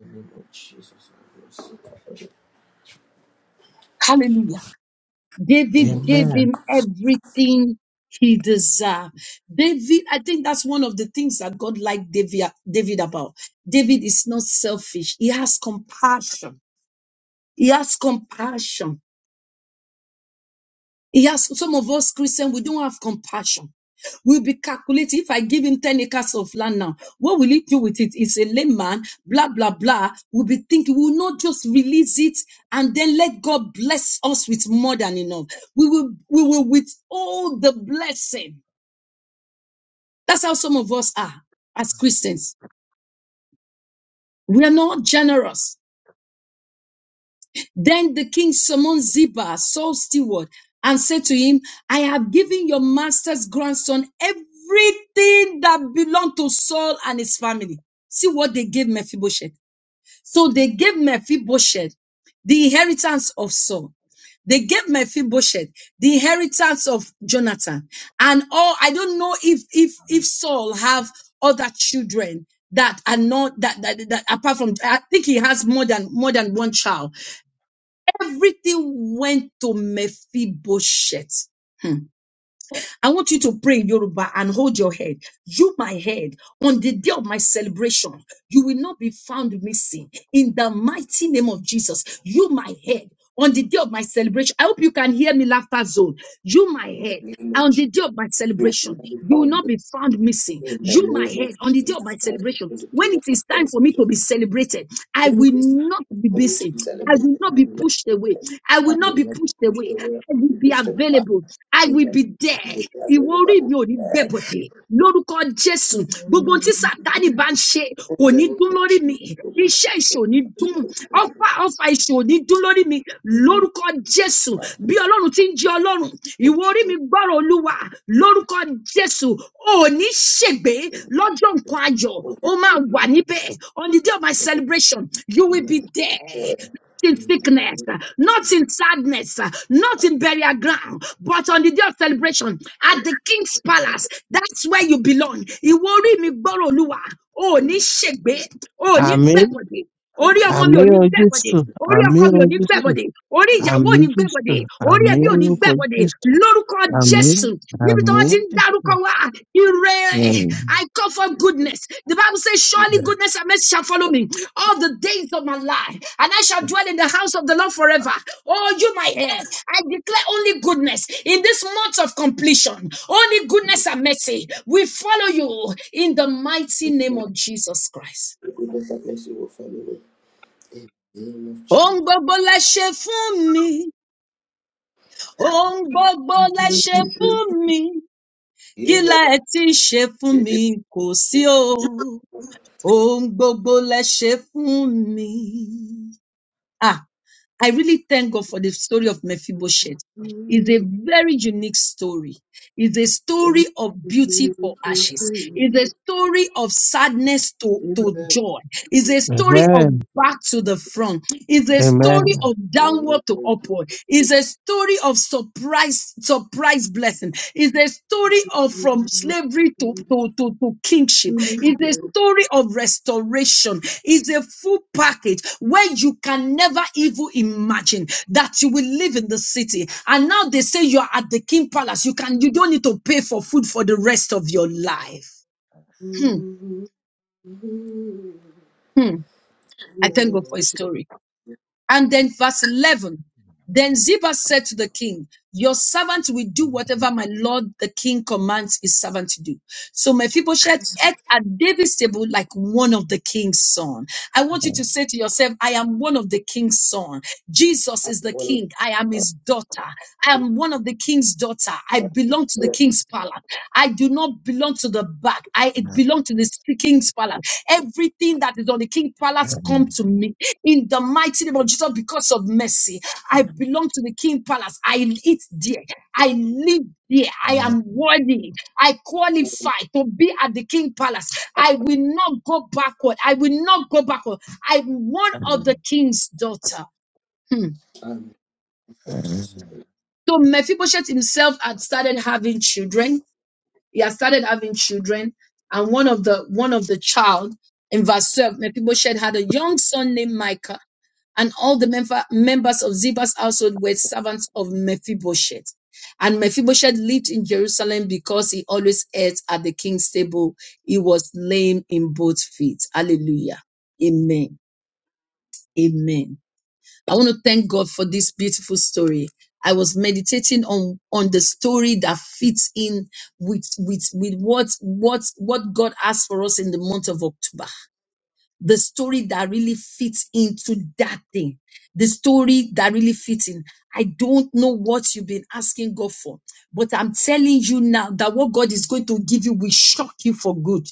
S4: in the name of Jesus. I bless you.
S1: Hallelujah. David gave
S3: Amen.
S1: him everything he deserved. David, I think that's one of the things that God liked David, David about. David is not selfish. He has compassion. He has compassion. He has some of us Christians, we don't have compassion. We'll be calculating. If I give him 10 acres of land now, what will he do with it? It's a layman, blah, blah, blah. We'll be thinking, we'll not just release it and then let God bless us with more than enough. We will, we will withhold the blessing. That's how some of us are as Christians. We are not generous. Then the king summoned Ziba, Saul's steward, and said to him, I have given your master's grandson everything that belonged to Saul and his family. See what they gave Mephibosheth. So they gave Mephibosheth the inheritance of Saul. They gave Mephibosheth the inheritance of Jonathan. And all I don't know if if if Saul have other children that are not that that, that apart from I think he has more than more than one child. Everything went to Mephibosheth. Hmm. I want you to pray in Yoruba and hold your head. You, my head, on the day of my celebration, you will not be found missing. In the mighty name of Jesus, you, my head, on the day of my celebration, I hope you can hear me, laughter zone. You, my
S4: In the
S1: head,
S4: name of
S1: on the
S4: Jesus,
S1: day of my
S4: you will
S1: celebration,
S4: not be
S1: you will
S4: found.
S1: not be found missing.
S4: In the
S1: You, my
S4: name
S1: head,
S4: of
S1: on the day of my
S4: Jesus, my life
S1: celebration,
S4: in the
S1: when
S4: day of
S1: it
S4: my
S1: is time for me
S4: celebration.
S1: to be celebrated, I
S4: It
S1: will
S4: is
S1: not
S4: time
S1: be
S4: for you
S1: missing.
S4: to
S1: I
S4: celebrate
S1: will
S4: the
S1: not
S4: love
S1: be
S4: of
S1: pushed away.
S4: God.
S1: I
S4: I
S1: will not
S4: will
S1: be
S4: not be
S1: pushed
S4: pushed
S1: away.
S4: away. I
S1: I
S4: will
S1: will
S4: be
S1: be
S4: pushed away.
S1: available. I will
S4: Amen.
S1: be
S4: I
S1: there.
S4: will be
S1: Ìwọ
S4: avoided by
S1: orí
S4: all
S1: mi ò ní gbẹ
S4: that.
S1: bọ̀dẹ̀. Lórúkọ Jésù,
S4: In
S1: gbogbo ohun tí Sàtánì bá ń ṣe kò
S4: the
S1: ní
S4: name
S1: dún
S4: of
S1: lórí mi.
S4: Jesus, I will to
S1: Iṣẹ́ ìṣò ní
S4: God
S1: dún.
S4: for the
S1: Ọfà ọfà ìṣò ní dún lórí mi.
S4: name of
S1: Lórúkọ Jésù,
S4: God.
S1: bí Ọlọ́run ti ń jẹ Ọlọ́run,
S4: For
S1: ìwọ
S4: Jesus,
S1: orí
S4: for
S1: mi gbọ́rọ̀ Olúwa. Lórúkọ Jésù, ò ní ṣègbé pé lọ́jọ́ nǹkan
S4: Jesus,
S1: ayọ̀
S4: for
S1: ó
S4: which we
S1: máa wà
S4: live,
S1: níbẹ̀ on the day of my
S4: for the
S1: celebration you will
S4: name
S1: be
S4: of the
S1: there
S4: Lord.
S1: in
S4: In the name of
S1: sickness, uh,
S4: Jesus,
S1: not in sadness, uh, not
S4: I
S1: in burial ground, but on the day of celebration at the king's palace. That's where you belong. Ìwọ orí mi gbọ́rọ̀ Olúwa, o ò
S4: will
S1: ní
S4: be
S1: ṣègbé,
S4: avoided.
S1: o ò
S4: For
S1: ní
S4: the
S3: Àmì
S1: gbẹ̀kọ̀dé orí
S4: for
S1: ọmọ mi
S3: àmì
S1: ò ní
S3: o
S1: gbẹ́bọ̀dẹ̀
S3: Jésù,
S1: orí
S3: àmì
S1: ọkọ mi ò
S3: o
S1: ní
S4: the
S3: Jésù,
S4: name
S1: gbẹ́bọ̀dẹ̀ orí
S4: of God,
S1: ìyàwó
S3: àmì
S1: ò ní
S3: Jésù,
S1: gbẹ́bọ̀dẹ̀ orí
S4: for the
S3: àmì
S1: ẹbí ò
S4: God
S1: ní
S3: lórúkọ
S1: gbẹ́bọ̀dẹ̀
S3: Jésù,
S4: for the name of
S1: lórúkọ
S4: God.
S3: àmì
S1: jésù níbi tí
S3: àmì
S1: wọ́n ti ń
S3: Jésù.
S1: dárúkọ wá ire i call for
S4: In the
S1: goodness the bible says
S4: name
S1: surely goodness and mercy shall follow me all the days of my life and i shall dwell in the house of the lord forever oh you my head i declare only goodness in this month of completion only goodness and mercy will follow you in the mighty
S4: of
S1: name
S4: God,
S1: of jesus christ
S4: the goodness and mercy will follow us. In the name of
S1: Ohun
S4: Jesus.
S1: gbogbo lẹ ṣe fún mi, ohun gbogbo lẹ ṣe fún mi, kí
S4: Ele-
S1: lẹ ti ṣe fún mi kò sí o, ohun gbogbo lẹ ṣe fún mi. Ah, I really thank God for the story of Mephibosheth. It's a
S4: I'm
S1: very unique story. It's a story of beauty for ashes. It's a story of sadness to, to joy. It's a story of
S3: Amen.
S1: back to the front. It's a story
S3: Amen.
S1: of downward to upward. It's a story of surprise, surprise blessing. It's a story of from slavery to, to, to, to kingship. It's a story of restoration. It's a full package where you can never even imagine that you will live in the city. And now they say you are at the king palace. You can you don't need to pay for food for the rest of your life. Hmm, hmm. I thank God for His story. And then verse 11. Then Ziba said to the king, your servant will do whatever my lord the king commands his servant to do. So Mephibosheth ate at David's table like one of the king's son. I want you to say to yourself, I am one of the king's son. Jesus is the
S4: one of
S1: king. I am his
S4: the
S1: daughter. I am one of the king's daughter. I belong to the king's palace. I do not belong to the back. I it belong to the king's palace. Everything that is on the king's palace come to me in the mighty name of Jesus because of mercy. I belong to the king's palace. I eat there. I live there. I am worthy. I qualify to be at the king palace. I will not go backward. I will not go backward. I'm one of the
S3: Amen.
S1: king's daughter. Hmm.
S4: I'm
S1: So Mephibosheth himself had started having children he had started having children, and one of the one of the child in verse 12, Mephibosheth had a young son named Micah, and all the member, members of Ziba's household were servants of Mephibosheth. And Mephibosheth lived in Jerusalem because he always ate at the king's table. He was lame in both feet. Hallelujah. Amen. Amen. I want to thank God for this beautiful story. I was meditating on on the story that fits in with with with what what what God has for us in the month of October. The story that really fits into that thing. The story that really fits in. I don't know what you've been asking God for, but I'm telling you now that what God is going to give you will shock you for good.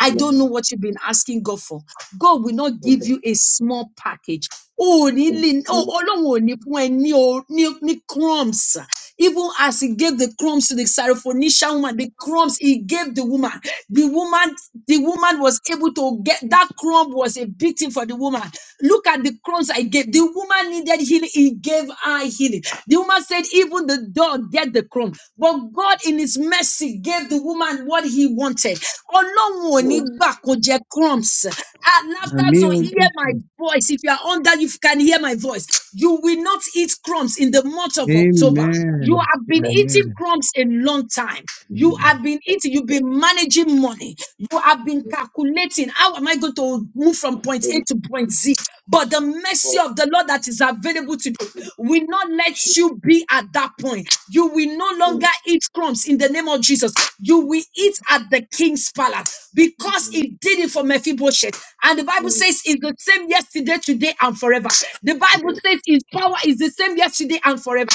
S1: I don't know
S4: Amen.
S1: what you've been asking God for. God will not
S4: In
S1: give
S4: the
S1: you a small package. Oh, ní
S4: in the
S1: lè- oh,
S4: name of
S1: Ọlọ́run ò ní fún ẹ ní o- ní- ní crumbs. Even as he gave the crumbs to the Syrophoenician woman, the crumbs he gave the woman, the woman, the woman was able to get that crumb was a victim for the woman. Look at the crumbs I gave. The woman needed healing. He gave her healing. The woman said, even the dog get the crumb. But God in his mercy gave the woman what he wanted. Ọlọ́run ò ní
S4: God,
S1: gbà kó jẹ crumbs. At laughter
S3: Àmì
S1: zone,
S3: o
S4: in the name
S1: hear my
S3: Jésù.
S1: voice. If you are under, you can hear my voice. You will not eat crumbs in the month of October. You
S3: Amen.
S1: have been eating
S3: Amen.
S1: crumbs a long time. You have been
S4: of God.
S1: eating, you've been managing money. You have been calculating how am I going to move from point A
S4: Holy
S1: to point Z. But the mercy of the Lord that is available available to will not let you be at that point. You will no longer eat crumbs in the name of Jesus. You will eat at the king's palace because he did it for Mephibosheth. And the Bible says it's the same yesterday, today, and forever. The Bible says his power is the same yesterday and forever.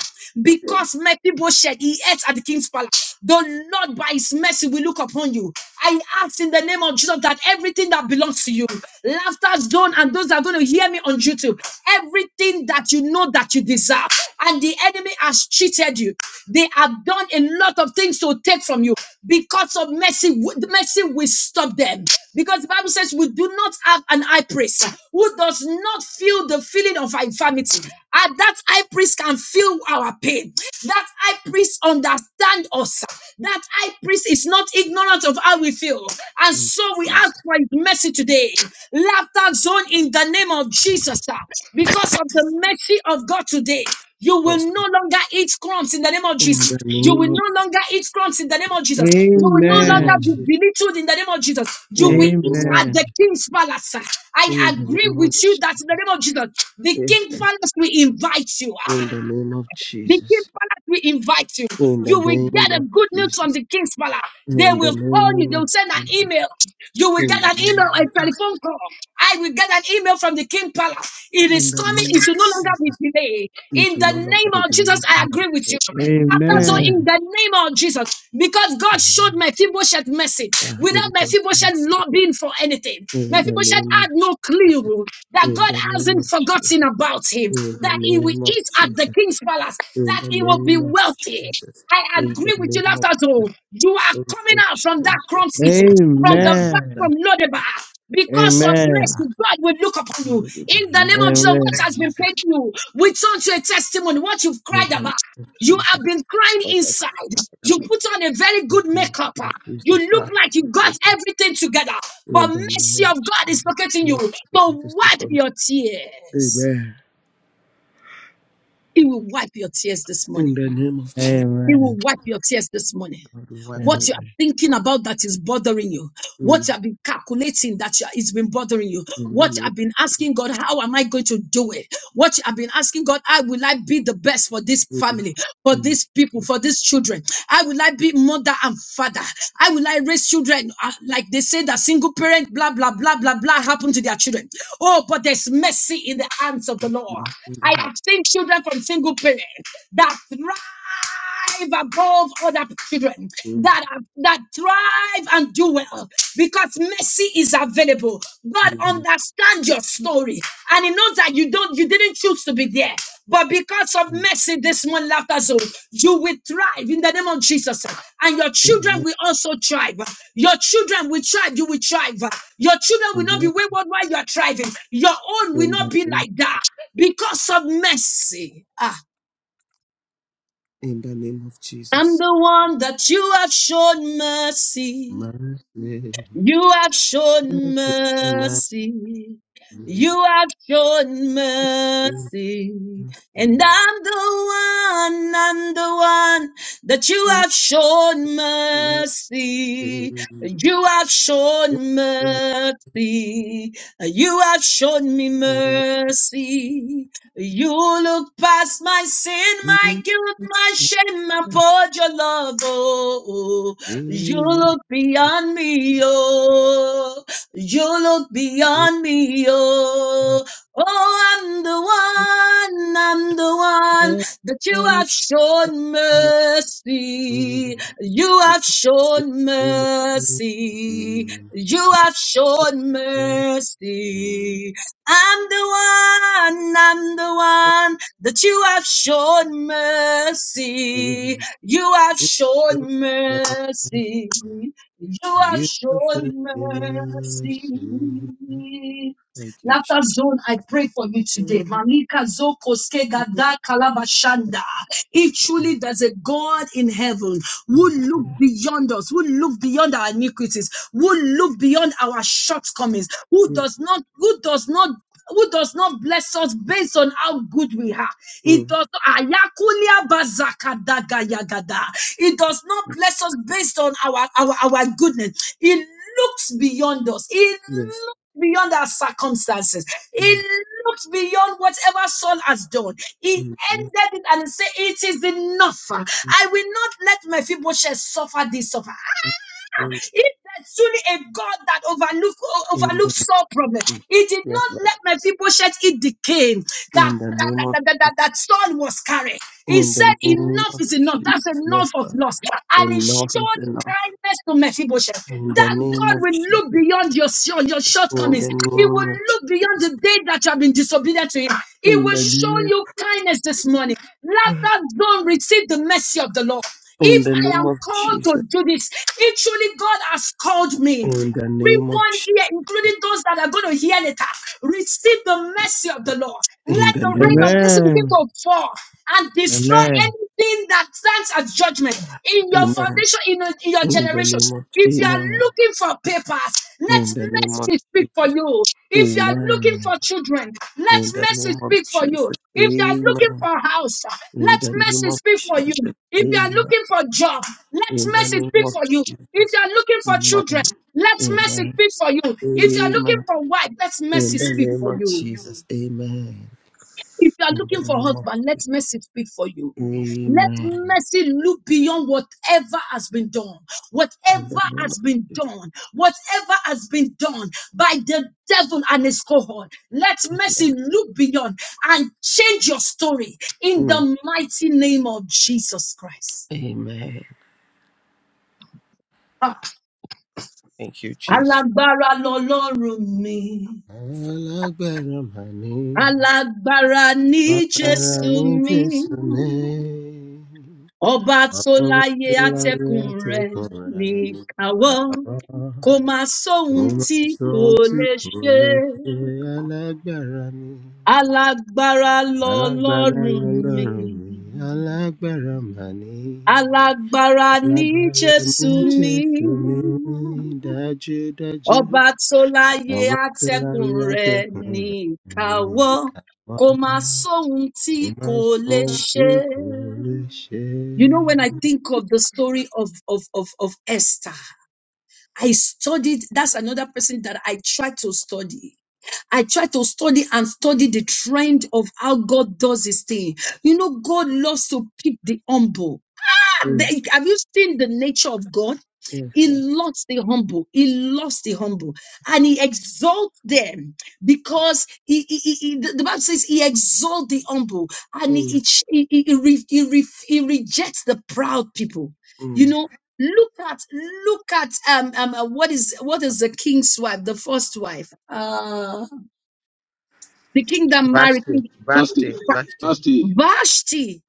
S4: Spirit,
S1: Because my people shed, he ate at the king's palace. The Lord, by his mercy, will look upon you. I ask in the name of Jesus that everything that belongs to you, laughter zone, and those that are going to hear me on YouTube, everything that you know that you deserve, and the enemy has cheated you. They have done a lot of things to take from you. Because of mercy, w- mercy will stop them. Because the Bible says we do not have an high priest who does not feel the feeling of our infirmity. And that high priest can feel our pain. That high priest understands us. That high priest is not ignorant of how we feel. And
S4: she-
S1: so we ask for his mercy today. Laughter zone in the name of Jesus. sir. Because of the mercy of God today. You will
S4: Yes.
S1: no
S4: Lord.
S1: longer eat crumbs in the name of
S4: In
S1: Jesus.
S4: the
S1: You will
S4: name of
S1: no longer eat crumbs in the name of Jesus. You
S4: in
S1: will
S4: the
S1: no
S4: name
S1: longer
S4: of
S1: be
S3: Amen.
S4: Jesus.
S1: belittled in the name of Jesus. You
S4: In
S1: will
S4: the
S1: eat
S4: name of
S1: at
S3: Amen. Amen.
S1: the king's palace.
S4: in
S1: I
S4: the
S1: agree
S4: name
S1: with
S4: of
S1: you
S4: Jesus.
S1: that in the name of Jesus, the
S4: Yes,
S1: king
S4: God.
S1: palace will invite you.
S4: In
S1: Ah,
S4: the name of
S1: the king's
S4: Jesus.
S1: palace will invite you.
S4: In the
S1: You will get
S4: name
S1: a
S4: of
S1: good news from
S4: Jesus.
S1: the king's palace. They
S4: In the
S1: will call you.
S4: name
S1: They will
S4: of
S1: send an
S4: Jesus.
S1: email. You will
S4: In the
S1: get an
S4: name
S1: email, a
S4: of Jesus.
S1: telephone call. I will get an email from the king palace. It is
S4: In the
S1: coming.
S4: name
S1: It should
S4: of
S1: no longer be
S4: Jesus.
S1: delayed.
S4: It
S1: In
S4: will
S1: the
S4: no longer
S1: name
S4: be
S1: of Jesus,
S4: delayed.
S1: I
S4: in
S1: agree with you.
S4: our
S1: That's all in
S4: lives.
S1: the name of Jesus, because God
S4: Amen.
S1: showed Mephibosheth mercy
S4: Ah,
S1: without
S4: Lord God,
S1: Mephibosheth
S4: Jesus.
S1: lobbying for anything.
S4: In the
S1: Mephibosheth
S4: name
S1: had
S4: of
S1: no
S4: Jesus.
S1: clue that
S4: In
S1: God
S4: the name
S1: hasn't
S4: of Jesus.
S1: forgotten about him,
S4: In the
S1: that he will
S4: name
S1: will
S4: of
S1: eat at
S4: Jesus.
S1: the king's palace,
S4: In
S1: that
S4: the
S1: he will be
S4: name of
S1: wealthy.
S4: Jesus,
S1: I
S4: in the
S1: agree with you,
S4: name of
S1: Laughter
S4: Jesus,
S1: Zone. You are
S4: oh
S1: coming
S4: Lord
S1: out from that
S4: Jesus,
S1: crumb city,
S4: I
S1: from
S4: come
S1: the
S4: in
S1: back
S4: after that
S1: from
S3: Amen.
S1: Lodeba. Because of
S3: Amen.
S4: path
S1: mercy, God will look upon you.
S4: and leave it
S1: In the
S4: behind
S1: name
S4: the
S1: of
S4: name
S1: Jesus, what
S3: Amen.
S4: of
S1: has been paid
S4: Jesus,
S1: you, we turn to a testimony, what you've
S4: in
S1: cried
S4: the name
S1: about.
S4: of
S1: You have
S4: Jesus,
S1: been crying
S4: what I
S1: inside.
S4: cried
S1: You
S4: about
S1: put on a very
S4: in
S1: good
S4: the name
S1: makeup. ah.
S4: of
S1: You
S4: Jesus, I
S1: look like you got
S4: thank you.
S1: everything together. But
S4: in the name
S1: mercy of
S4: of
S1: God is
S4: Jesus,
S1: locating you
S4: Lord,
S1: to
S4: you just look
S1: wipe
S4: for me.
S1: your tears.
S4: Amen.
S1: He will wipe your tears this morning.
S4: In the name of Jesus,
S1: He will
S3: Amen.
S1: wipe your tears this morning.
S4: I will wipe my
S1: What
S3: Amen.
S1: you are thinking
S4: my-
S1: about that is bothering you, what
S4: Mm,
S1: you have been calculating that you, it's been bothering you,
S4: in the
S1: what you
S4: name
S1: have been asking God, how am I going to do it? What you have been asking God, how will I be the best for this
S4: of mm,
S1: family, for
S4: in the
S1: these people,
S4: name of
S1: for these children? How will I be mother and father? How will I raise children? Uh, like they say that single parent, blah, blah, blah, blah, blah, happen to their children. Oh, but there's mercy in the hands of the Lord.
S4: my sin
S1: I
S4: heart.
S1: have seen children from single parents that thrive thrive above other children
S4: Mm,
S1: that are, that thrive and do well because mercy is available. God
S4: in the name.
S1: understands your story and He knows that you don't you didn't choose to be there, but because of
S4: of
S1: mercy, this morning laughter zone, you will thrive in the name of Jesus, and your children
S4: Amen.
S1: will also thrive. Your children will thrive. You will thrive. Your children will not be
S4: Amen.
S1: wayward while you are thriving. Your own will
S4: In
S1: not
S4: the
S1: be
S4: name,
S1: like that because of mercy. Ah.
S4: in the name of
S1: I'm
S4: Jesus.
S1: the one that you have shown mercy.
S4: Mercy. Mercy.
S1: You have shown
S4: Mercy.
S1: mercy.
S4: Mercy.
S1: You have shown mercy. And I'm the one, I'm the one that you have shown mercy. You have shown mercy. You have shown me mercy. You look past my sin, my
S4: Mercy.
S1: guilt, my
S4: mercy.
S1: shame, poured your love. Oh, oh.
S4: Hear you, Lord, mercy. Hear you, mercy. Hear
S1: you look beyond me, oh, you look beyond me, oh. Oh, I'm the one, I'm the one that you have shown mercy. You. You have shown mercy. You have shown
S4: you,
S1: mercy. I'm the one, I'm the one that you have shown mercy.
S4: mercy.
S1: You have
S4: Hear you,
S1: shown mercy.
S4: mercy.
S1: You have
S4: You should
S1: shown
S4: be mercy.
S1: mercy.
S4: Thank you, Jesus.
S1: Laughter zone, I pray for you today. Malika Zoko Skegada Kalabashanda. If truly there's a God in heaven who look beyond us, who look beyond our iniquities, who look beyond our shortcomings, who does not, who does not who does not bless us based on how good we are. It does Ayakulia bazakadagayagada. It does not bless us based on our, our, our goodness. It looks beyond us. He
S4: Yes.
S1: looks beyond our circumstances. He
S4: In
S1: looks beyond whatever Saul has done. He
S4: in- in-
S1: ended it and said, It is enough. I will not let my Mephibosheth suffer this suffer.
S4: in- in
S1: If there's truly a God that overlook, o-
S4: in the
S1: overlooks all problems, He did
S4: yes,
S1: not
S4: Lord.
S1: let my people shed it decay that that,
S4: In the name
S1: that,
S4: of
S1: that, that, that
S4: Jesus.
S1: that Saul was carrying. He
S4: in the
S1: said,
S4: name
S1: Enough
S4: of
S1: is enough.
S4: Jesus.
S1: That's
S4: Yes,
S1: enough of
S4: Lord.
S1: loss. And he
S4: Enough is
S1: showed
S4: enough.
S1: kindness to Mephibosheth.
S4: In the
S1: That
S4: name
S1: God
S4: of
S1: will
S4: Jesus.
S1: look beyond your, your, your
S4: In
S1: shortcomings.
S4: the
S1: He will
S4: name of
S1: look beyond
S4: Jesus.
S1: the day that you have been disobedient to Him. He
S4: In
S1: will
S4: the
S1: show
S4: name
S1: you kindness this morning. Let that zone receive the mercy of the Lord.
S4: in
S1: If
S4: the
S1: I
S4: name
S1: am
S4: of
S1: called to
S4: Jesus.
S1: do this, it truly God has called me.
S4: In the name of
S1: Everyone
S4: Jesus.
S1: here, including those that are going to hear later, receive the mercy of the Lord.
S4: In
S1: Let
S4: the
S1: the
S4: name
S1: rain
S4: of
S1: of mercy begin
S3: Amen.
S1: to fall and destroy
S3: Amen.
S1: anything that stands as judgment in your
S4: Amen.
S1: foundation, in your, in your
S4: In the name
S1: generations.
S4: of
S1: If you are
S4: Amen.
S1: looking for papers, let
S4: In the name of
S1: mercy speak for
S4: Jesus.
S1: you. If you are looking
S4: Amen.
S1: for children, let
S4: In the
S1: mercy
S4: name of
S1: speak for you.
S4: Jesus.
S1: If you are looking
S4: Amen.
S1: for a house,
S4: In
S1: let
S4: the name
S1: mercy
S4: of
S1: speak for you.
S4: Jesus.
S1: If you are
S4: Amen.
S1: looking for a job,
S4: In
S1: let
S4: the
S1: mercy
S4: name
S1: speak
S4: of
S1: for you. If you
S4: Jesus.
S1: are looking for children,
S4: Amen.
S1: let mercy
S4: Amen.
S1: speak for you. If you are looking
S4: Amen.
S1: for wife, let
S4: In
S1: mercy
S4: the
S1: speak
S4: name
S1: for
S4: of
S1: you.
S4: Jesus. Amen.
S1: If you are
S4: In
S1: looking
S4: the
S1: for
S4: name of
S1: husband, let mercy speak for you. Let
S4: Amen.
S1: mercy look beyond whatever has been done. Whatever
S4: In the name of Jesus.
S1: has been done. Whatever has been done by the devil and his cohort. Let mercy look beyond and change your story in
S4: Mm.
S1: the mighty name of Jesus Christ.
S4: Amen.
S1: Ah,
S4: Thank you, Jesus.
S1: Alágbára lọlọ́run mi.
S4: Alágbára mà ní.
S1: Alágbára ní Jésù
S4: Amarani
S1: mi.
S4: jisme,
S1: ọba tó láyé atẹkùn
S4: avatilajate
S1: rẹ
S4: korani
S1: níkàwọ
S4: kaba.
S1: kò má sóhun tí kò
S4: Umasochi
S1: lè ṣe
S4: kuleke alágbára ni,
S1: alágbára
S4: alágbára
S1: lọlọrun mi
S4: lọ́lọ́run mi, alágbára mani.
S1: alágbára ní
S4: Alágbára ni
S1: jésù mi
S4: Jésù mi, dájúdájú.
S1: ọba tó láyé
S4: Ọba tó
S1: atẹkùn
S4: láyé
S1: rẹ
S4: àtẹ̀kùn rẹ̀
S1: níkàwọ
S4: ni kàwá.
S1: kò má sóhun tí
S4: Oh,
S1: kò
S4: My
S1: lè
S4: soul
S1: ṣe.
S4: to
S1: You know, when I
S4: coalition.
S1: think of the story of, of, of, of Esther, I studied. That's another person that I tried to study. I try to study and study the trend of how God does his thing. You know, God loves to pick the humble.
S4: Mm,
S1: They- have you seen the nature of God?
S4: yes,
S1: He
S4: Lord.
S1: loves the humble. He loves the humble. And he exalts them because he, he- he- he- the the Bible says he exalts the humble and he,
S4: Mm,
S1: he, ch- he, he, he re- he re- he rejects the proud people. You
S4: mm.
S1: know, look at, look at, um, um, uh, what is, what is the king's wife, the first wife? Uh, the king that married King
S4: Vashti, Vashti, Vashti.
S1: Vashti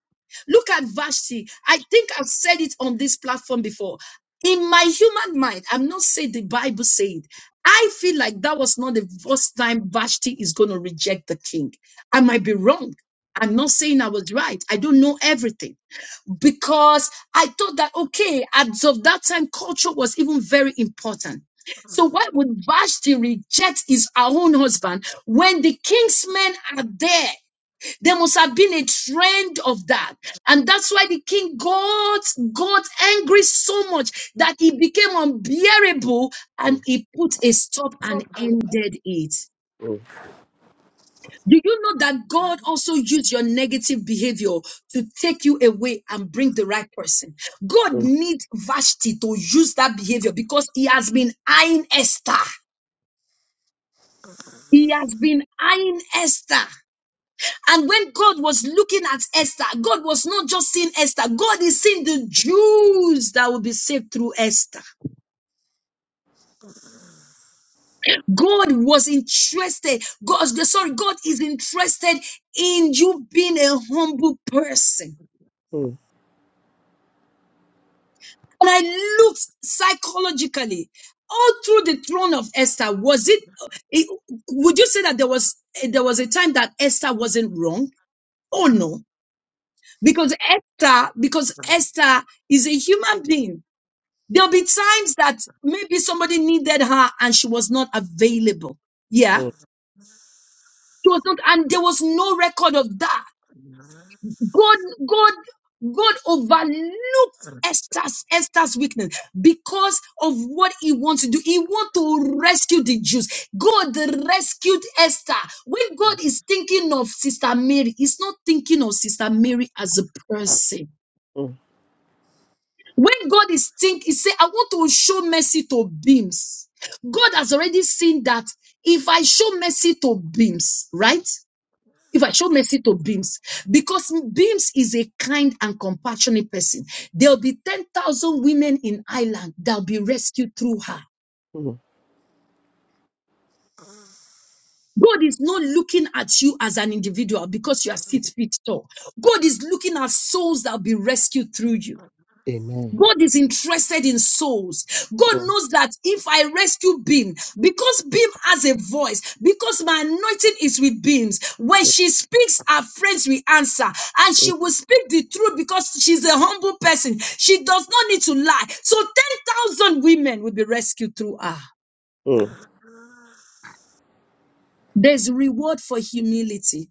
S1: Look at Vashti. I think I've said it on this platform before. In my human mind, I'm not saying the Bible said. I feel like that was not the first time Vashti is going to reject the king. I might be wrong. I'm not saying I was right. I don't know everything because I thought that, okay, as of that time, culture was even very important. So why would Vashti reject his her own husband when the king's men are there? There must have been a trend of that. And that's why the king got, got angry so much that it became unbearable and
S4: Mm,
S1: he put a stop and
S4: mm,
S1: ended it.
S4: mm,
S1: Do you know that God also used your negative behavior to take you away and bring the right person? God
S4: mm, mm,
S1: needs Vashti to use that behavior because he has been eyeing Esther. He has been eyeing Esther. And when God was looking at Esther, God was not just seeing Esther, God is seeing the Jews that will be saved through Esther. God was interested, God, sorry, God is interested in you being a humble person. And I looked psychologically all through the throne of Esther. Was it, it would you say that there was there was a time that Esther wasn't wrong? Oh no. Because Esther, because Esther is a human being There'll be times that maybe somebody needed her and she was not available. Yeah. She was not, and there was no record of that. God, God, God overlooked Esther's, Esther's weakness because of what he wants to do. He wants to rescue the Jews. God rescued Esther. When God is thinking of Sister Mary, he's not thinking of Sister Mary as a person.
S4: mm,
S1: When God is think, he say, I want to show mercy to beams. God has already seen that if I show mercy to beams, right? If I show mercy to beams, because beams is a kind and compassionate person, there'll be 10,000 women in Ireland that'll be rescued through her.
S4: mm.
S1: God is not looking at you as an individual because you are six feet tall. God is looking at souls that'll be rescued through you.
S4: Amen.
S1: God is interested in souls. God
S4: Mm,
S1: knows that if I rescue Beam, because Beam has a voice, because my anointing is with Beams, when
S4: mm,
S1: she speaks, her friends will answer, and she
S4: mm,
S1: will speak the truth because she's a humble person. She does not need to lie. So 10,000 women will be rescued through her.
S4: mm.
S1: There's reward for humility.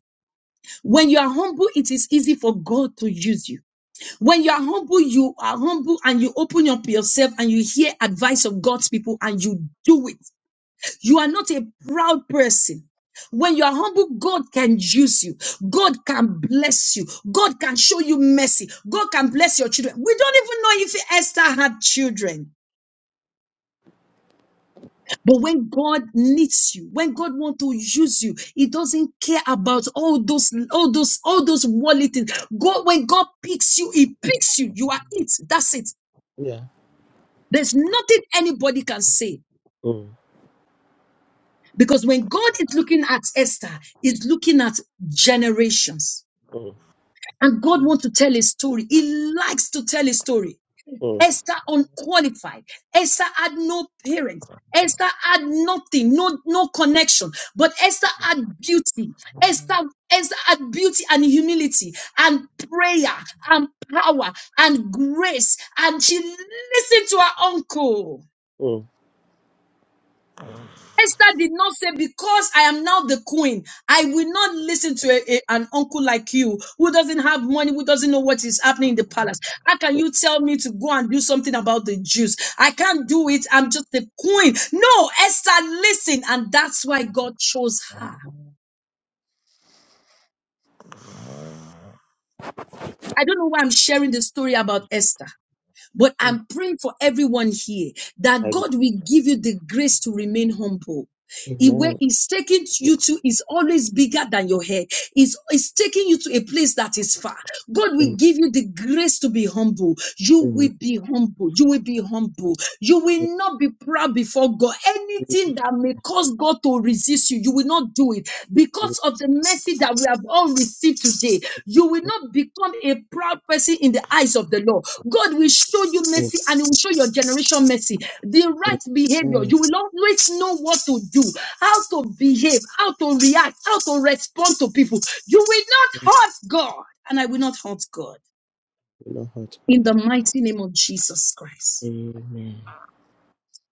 S1: When you are humble, it is easy for God to use you. When you are humble, you are humble and you open up yourself and you hear advice of God's people and you do it. You are not a proud person. When you are humble, God can use you. God can bless you. God can show you mercy. God can bless your children. We don't even know if Esther had children. But when God needs you, when God wants to use you, He doesn't care about all those, all those, all those worldly things. God, when God picks you, He picks you. You are it. That's it.
S4: Yeah.
S1: There's nothing anybody can say
S4: Mm,
S1: because when God is looking at Esther, he's looking at generations.
S4: mm, mm,
S1: And God wants to tell a story. He likes to tell a story. Esther unqualified. Esther had no parents. Esther had nothing, no, no connection, but Esther had beauty. Esther, Esther had beauty and humility and prayer and power and grace. And she listened to her uncle.
S4: mm,
S1: Esther did not say, because I am now the queen, I will not listen to a- a- an uncle like you who doesn't have money, who doesn't know what is happening in the palace. How can you tell me to go and do something about the Jews? I can't do it. I'm just the queen. No, Esther, listen. And that's why God chose her. I don't know why I'm sharing the story about Esther. But
S4: mm.
S1: I'm praying for everyone here that
S4: I be-
S1: God will give you the grace to remain humble. He- where
S4: Amen.
S1: He's taking you to is always bigger than your head. He's, he's taking you to a place that is far. God will
S4: Amen.
S1: give you the grace to be humble. You
S4: Amen.
S1: will be humble. You will be humble. You will not be proud before God.
S4: Amen.
S1: Anything that may cause God to resist you, you will not do it because of the mercy that that we have all received today, you will not become a proud person in the eyes of the Lord. God will show you mercy and He will show your generation mercy. The right behavior,
S4: Amen.
S1: you will always know what to do, how to behave, how to react, how to respond to people. You will not hurt God, and I will not hurt God.
S4: Thank you, Lord
S1: In the
S4: God.
S1: mighty name of Jesus Christ.
S4: Amen.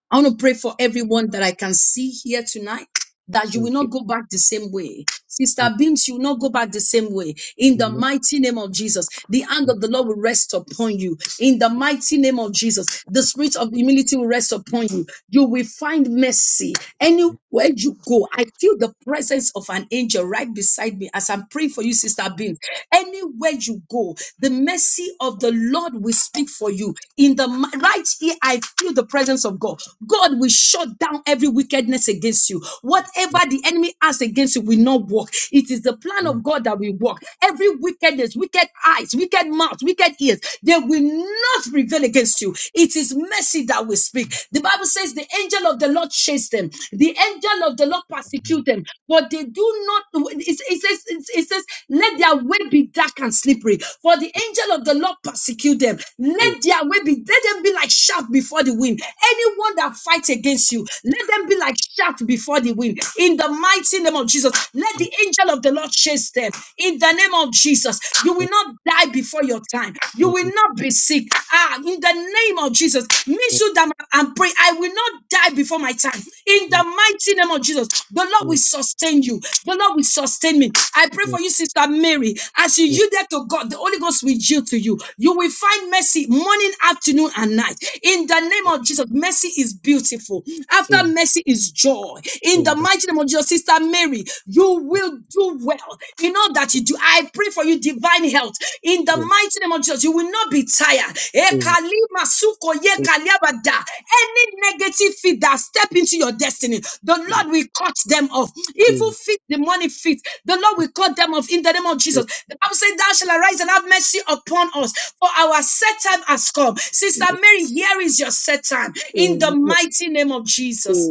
S1: I want to pray for everyone that I can see here tonight. That you will
S4: Thank you.
S1: not go back the same way. Sister Beams, you will not go back the same way. In the
S4: Amen.
S1: mighty name of Jesus, the hand of the Lord will rest upon you. In the mighty name of Jesus, the spirit of humility will rest upon you. You will find mercy. Any where you go. I feel the presence of an angel right beside me as I'm praying for you, Sister Beam. Anywhere you go, the mercy of the Lord will speak for you. In the mi- right here, I feel the presence of God. God will shut down every wickedness against you. Whatever the enemy has against you will not work. It is the plan of God that will work. Every wickedness, wicked eyes, wicked mouth, wicked ears, they will not prevail against you. It is mercy mercy that we speak. The Bible says the angel of the Lord chased them, the angel of the Lord persecute them, but they do not. It, it says, it, it says, let their way be dark and slippery, for the angel of the Lord persecute them. Let their way be, let them be like shaft before the wind. Anyone that fights against you, let them be like shaft before the wind. In the mighty name of Jesus, let the angel of the Lord chase them. In the name of Jesus, you
S4: Amen.
S1: will not die before before your time. You
S4: Sister
S1: will not be sick. Ah, in the name of Jesus, me too that and pray. I will not die before my time. In the mighty name of Jesus, the Lord will sustain you. The Lord will sustain me. I pray for you, Sister Mary. As you yielded to God, the Holy Ghost will yield to you. You will find mercy morning, afternoon, and night. In the name of Jesus, mercy is beautiful. After mercy is joy. In the mighty name of Jesus, Sister Mary, you will you do well. You know that you do. I pray for you divine health in the mighty name of Jesus. You will not be tired. Ekali masuko ye kaliabada. Any negative feet that step into your destiny, the Lord will cut them off. Evil feet, demonic feet, the Lord will cut them off in the name of Jesus. The Bible says, Thou shall arise and have mercy upon us, for our set time has come. Sister Mary, here is your set time in the mighty name of Jesus.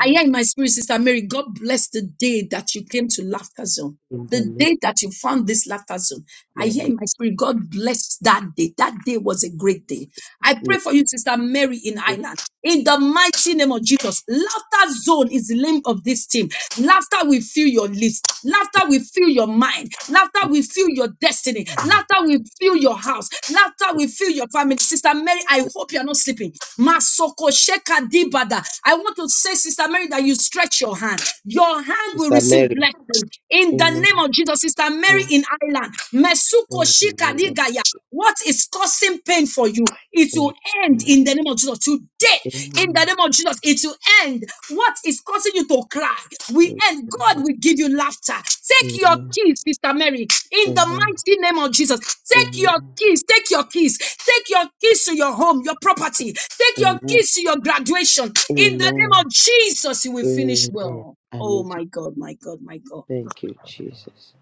S1: I hear in my spirit, Sister Mary, God bless the day that you came to Laughter Zone. The day that you found this laughter zone, I hear in my spirit, God bless that day. That day was a great day. I pray for you, Sister Mary in Ireland. In the mighty name of Jesus, laughter zone is the name of this team. Laughter will fill your lips. Laughter will fill your mind. Laughter will fill your destiny.
S3: Amen.
S1: Laughter will fill your house. Laughter will fill your family. Sister Mary, I hope you're not sleeping. Masoko sheka dibada. I want to say, Sister Mary, that you stretch your hand. Your hand will receive
S4: Mary.
S1: blessing. In the
S4: Amen.
S1: name of Jesus, Sister Mary
S4: Amen.
S1: in Ireland. Mesuko
S4: Amen.
S1: shika digaya. What is causing pain for you? It will
S4: Amen.
S1: end in the name of Jesus today in
S4: name
S1: the
S4: of
S1: name of Jesus. It will end. What is causing you to cry? We end. God
S4: Jesus.
S1: will give you laughter. Take your
S4: Amen.
S1: keys, Sister Mary, in the
S4: Amen. Amen.
S1: mighty name of Jesus. Take your
S4: Amen.
S1: keys. Take your keys. Take your keys to your home, your property. Take your
S4: Amen.
S1: keys to your graduation. In the name
S4: Amen.
S1: of Jesus, you will finish
S4: Amen.
S1: well. Oh
S4: Amen.
S1: my God, my God, my God.
S4: Thank you, Jesus.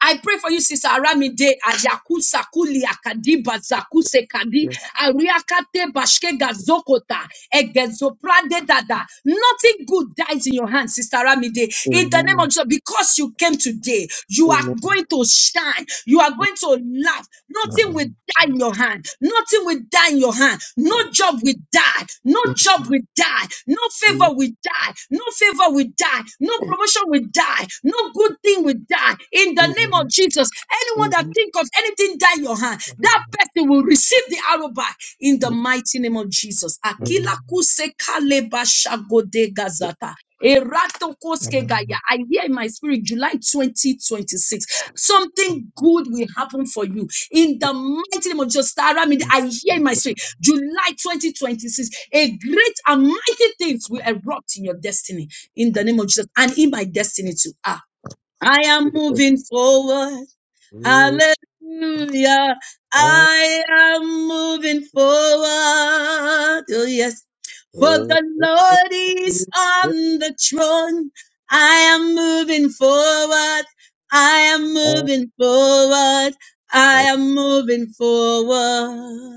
S1: I pray for you, Sister Aramide, Ayaku Sakuli, Akadiba, Zakuse Kadi,
S4: Yes.
S1: Ariakate, Bashke Gazokota, Egezoprade Dada. Nothing good dies in your hand, Sister Aramide. In the name of
S4: Amen.
S1: Jesus, because you came today, you are
S4: Amen.
S1: going to shine. You are going to laugh. Nothing will
S4: Jesus, in the name
S1: die in your hand. Nothing will die in your hand. No
S4: of
S1: job will die. No job will die. No favor will die. No favor will die. No promotion will die. No good thing will die die in the name of Jesus. Anyone that think of anything die in your hand, that person will receive the arrow back in the mighty name of Jesus. Akila
S3: Amen.
S1: kuse kale bashagode gazata. Erato koske gaya. I hear in my spirit July 2026. Something good will happen for you in the mighty name of Jesus. Tara, me, I hear in my spirit July 2026. A great and mighty things will erupt in your destiny in the name of Jesus and in my destiny too. Ah. I am moving forward. Hallelujah. I am moving forward. Oh, yes. For the Lord is on the throne. I am moving forward. I am moving forward. I am moving forward.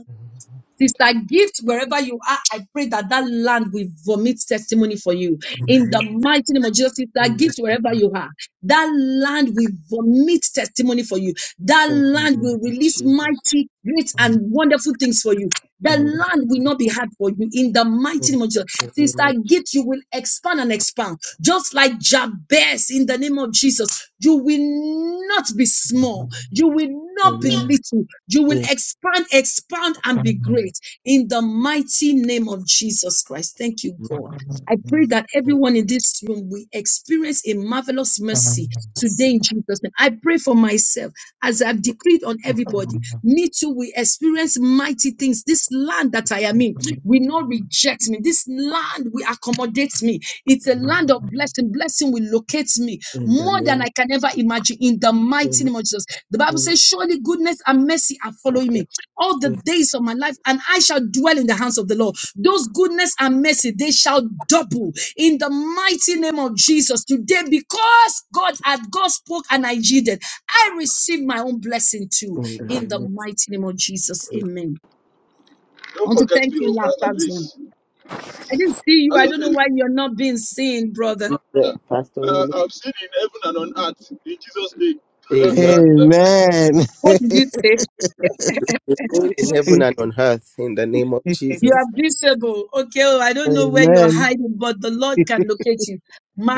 S1: Sister Gift, wherever you are, I pray that that land will vomit testimony for you. In the mighty name of Jesus, Sister Gift, wherever you are, that land will vomit testimony for you. That land will release mighty, great, and wonderful things for you. The land will not be hard for you in the mighty name of Jesus. Sister Gift, you will expand and expand, just like Jabez in the name of Jesus. You will not be small. You will not be
S4: Amen.
S1: little. You will expand, expand, and be
S3: Amen.
S1: great in the mighty name of Jesus Christ. Thank you, God. I pray that everyone in this room will experience a marvelous mercy
S3: Amen.
S1: today in Jesus' name. I pray for myself as I've decreed on everybody. Me too We experience mighty things. This land that I am in will not reject me. This land will accommodate me me. It's a land of blessing. Blessing will locate me
S4: In the
S1: more than
S4: name
S1: I
S4: of
S1: can ever imagine in the mighty
S4: Amen.
S1: name of Jesus. The Bible
S4: In
S1: says, Surely goodness and mercy are following me all the days of my life, and I shall dwell in the hands of the Lord. Those goodness and mercy, they shall double in the mighty name of Jesus today because God had God spoke and I yielded. I received my own blessing too
S4: the
S1: in the
S4: name
S1: mighty name of Jesus.
S4: of
S1: Amen. I
S2: Don't
S1: want to
S2: forget
S1: thank
S2: me,
S1: you,
S2: oh, Pastor
S1: Laughter Zone.
S2: Grace.
S1: I didn't see you. I
S2: Pastor
S1: don't know
S2: Grace,
S1: why you're not being seen, brother.
S4: Amen.
S2: uh,
S4: Pastor,
S2: uh, I'm seen in heaven and on earth in Jesus' name.
S4: Amen.
S2: Praise
S1: What did you say?
S4: In heaven and on earth, in the name of
S1: You are
S4: Jesus.
S1: visible. Okay, oh, I don't know where you're hiding, but the Lord can locate you.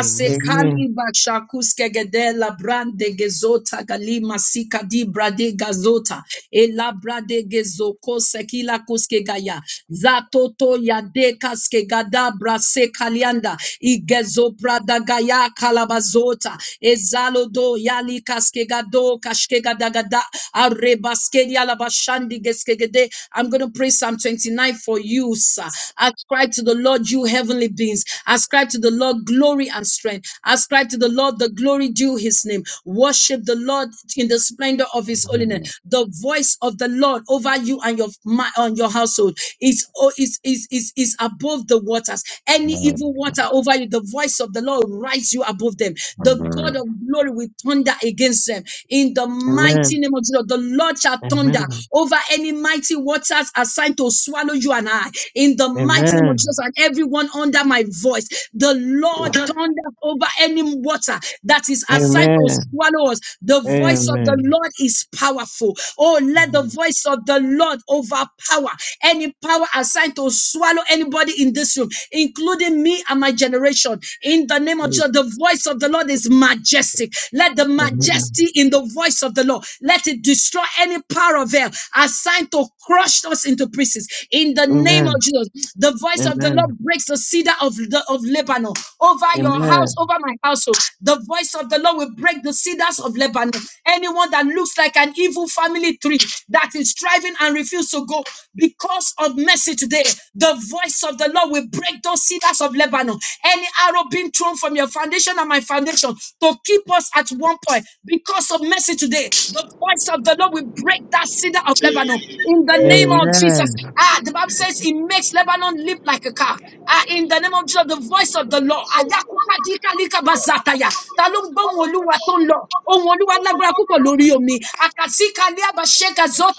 S4: Amen.
S1: bashakuske gedela brande gezota gali masika di brade gazota ela brade gezoko sekila kuske gaya zatoto ya dekaske gada brase kalianda igezo brada gaya kalabazota ezalo do yali kaske gado kashke gada gada arebaske yala bashandi geske gede I'm gonna pray Psalm 29 for you use. uh, Ascribe to the Lord, you heavenly beings. Ascribe to the Lord glory and strength. Ascribe to the Lord the glory due his name. Worship the Lord in the splendor of his
S3: Amen.
S1: holiness. The voice of the Lord over you and your ma- on your household is, oh, is, is, is, is above the waters. Any
S3: Amen.
S1: evil water over you, the voice of the Lord rise you above them. The
S3: Amen.
S1: God of glory will thunder against them. In the mighty name of Jesus, of the Lord shall
S3: Amen.
S1: thunder
S3: Amen.
S1: over any mighty waters assigned to swallow you and I. In the mighty name of
S3: Amen.
S1: Jesus and everyone under my voice, the
S4: In
S1: Lord
S4: the
S1: thunders over any water that is assigned to
S3: Amen.
S1: swallow us. The voice of the Lord is powerful. Oh, let the voice of the Lord overpower any power assigned to swallow anybody in this room, including me and my generation. In the name of Jesus, the voice of the of the Lord is majestic. Let the majesty in the voice of the Lord, let it destroy any power of hell assigned to crush us into pieces. In the name of Jesus, the voice of the Lord breaks the cedar of, the, of Lebanon over your house, over my household. The voice of the Lord will break the cedars of Lebanon. Anyone that looks like an evil family tree that is striving and refuses to go because of mercy today, the voice of the Lord will break those cedars of Lebanon. Any arrow being thrown from your foundation and my foundation to keep us at one point because of mercy today, the voice of the Lord will break that cedar of Lebanon. In the name
S3: Amen.
S1: of Jesus, ah, the Bible says it makes Lebanon leap like a calf. Ah, in the name of Jesus, the voice of the Lord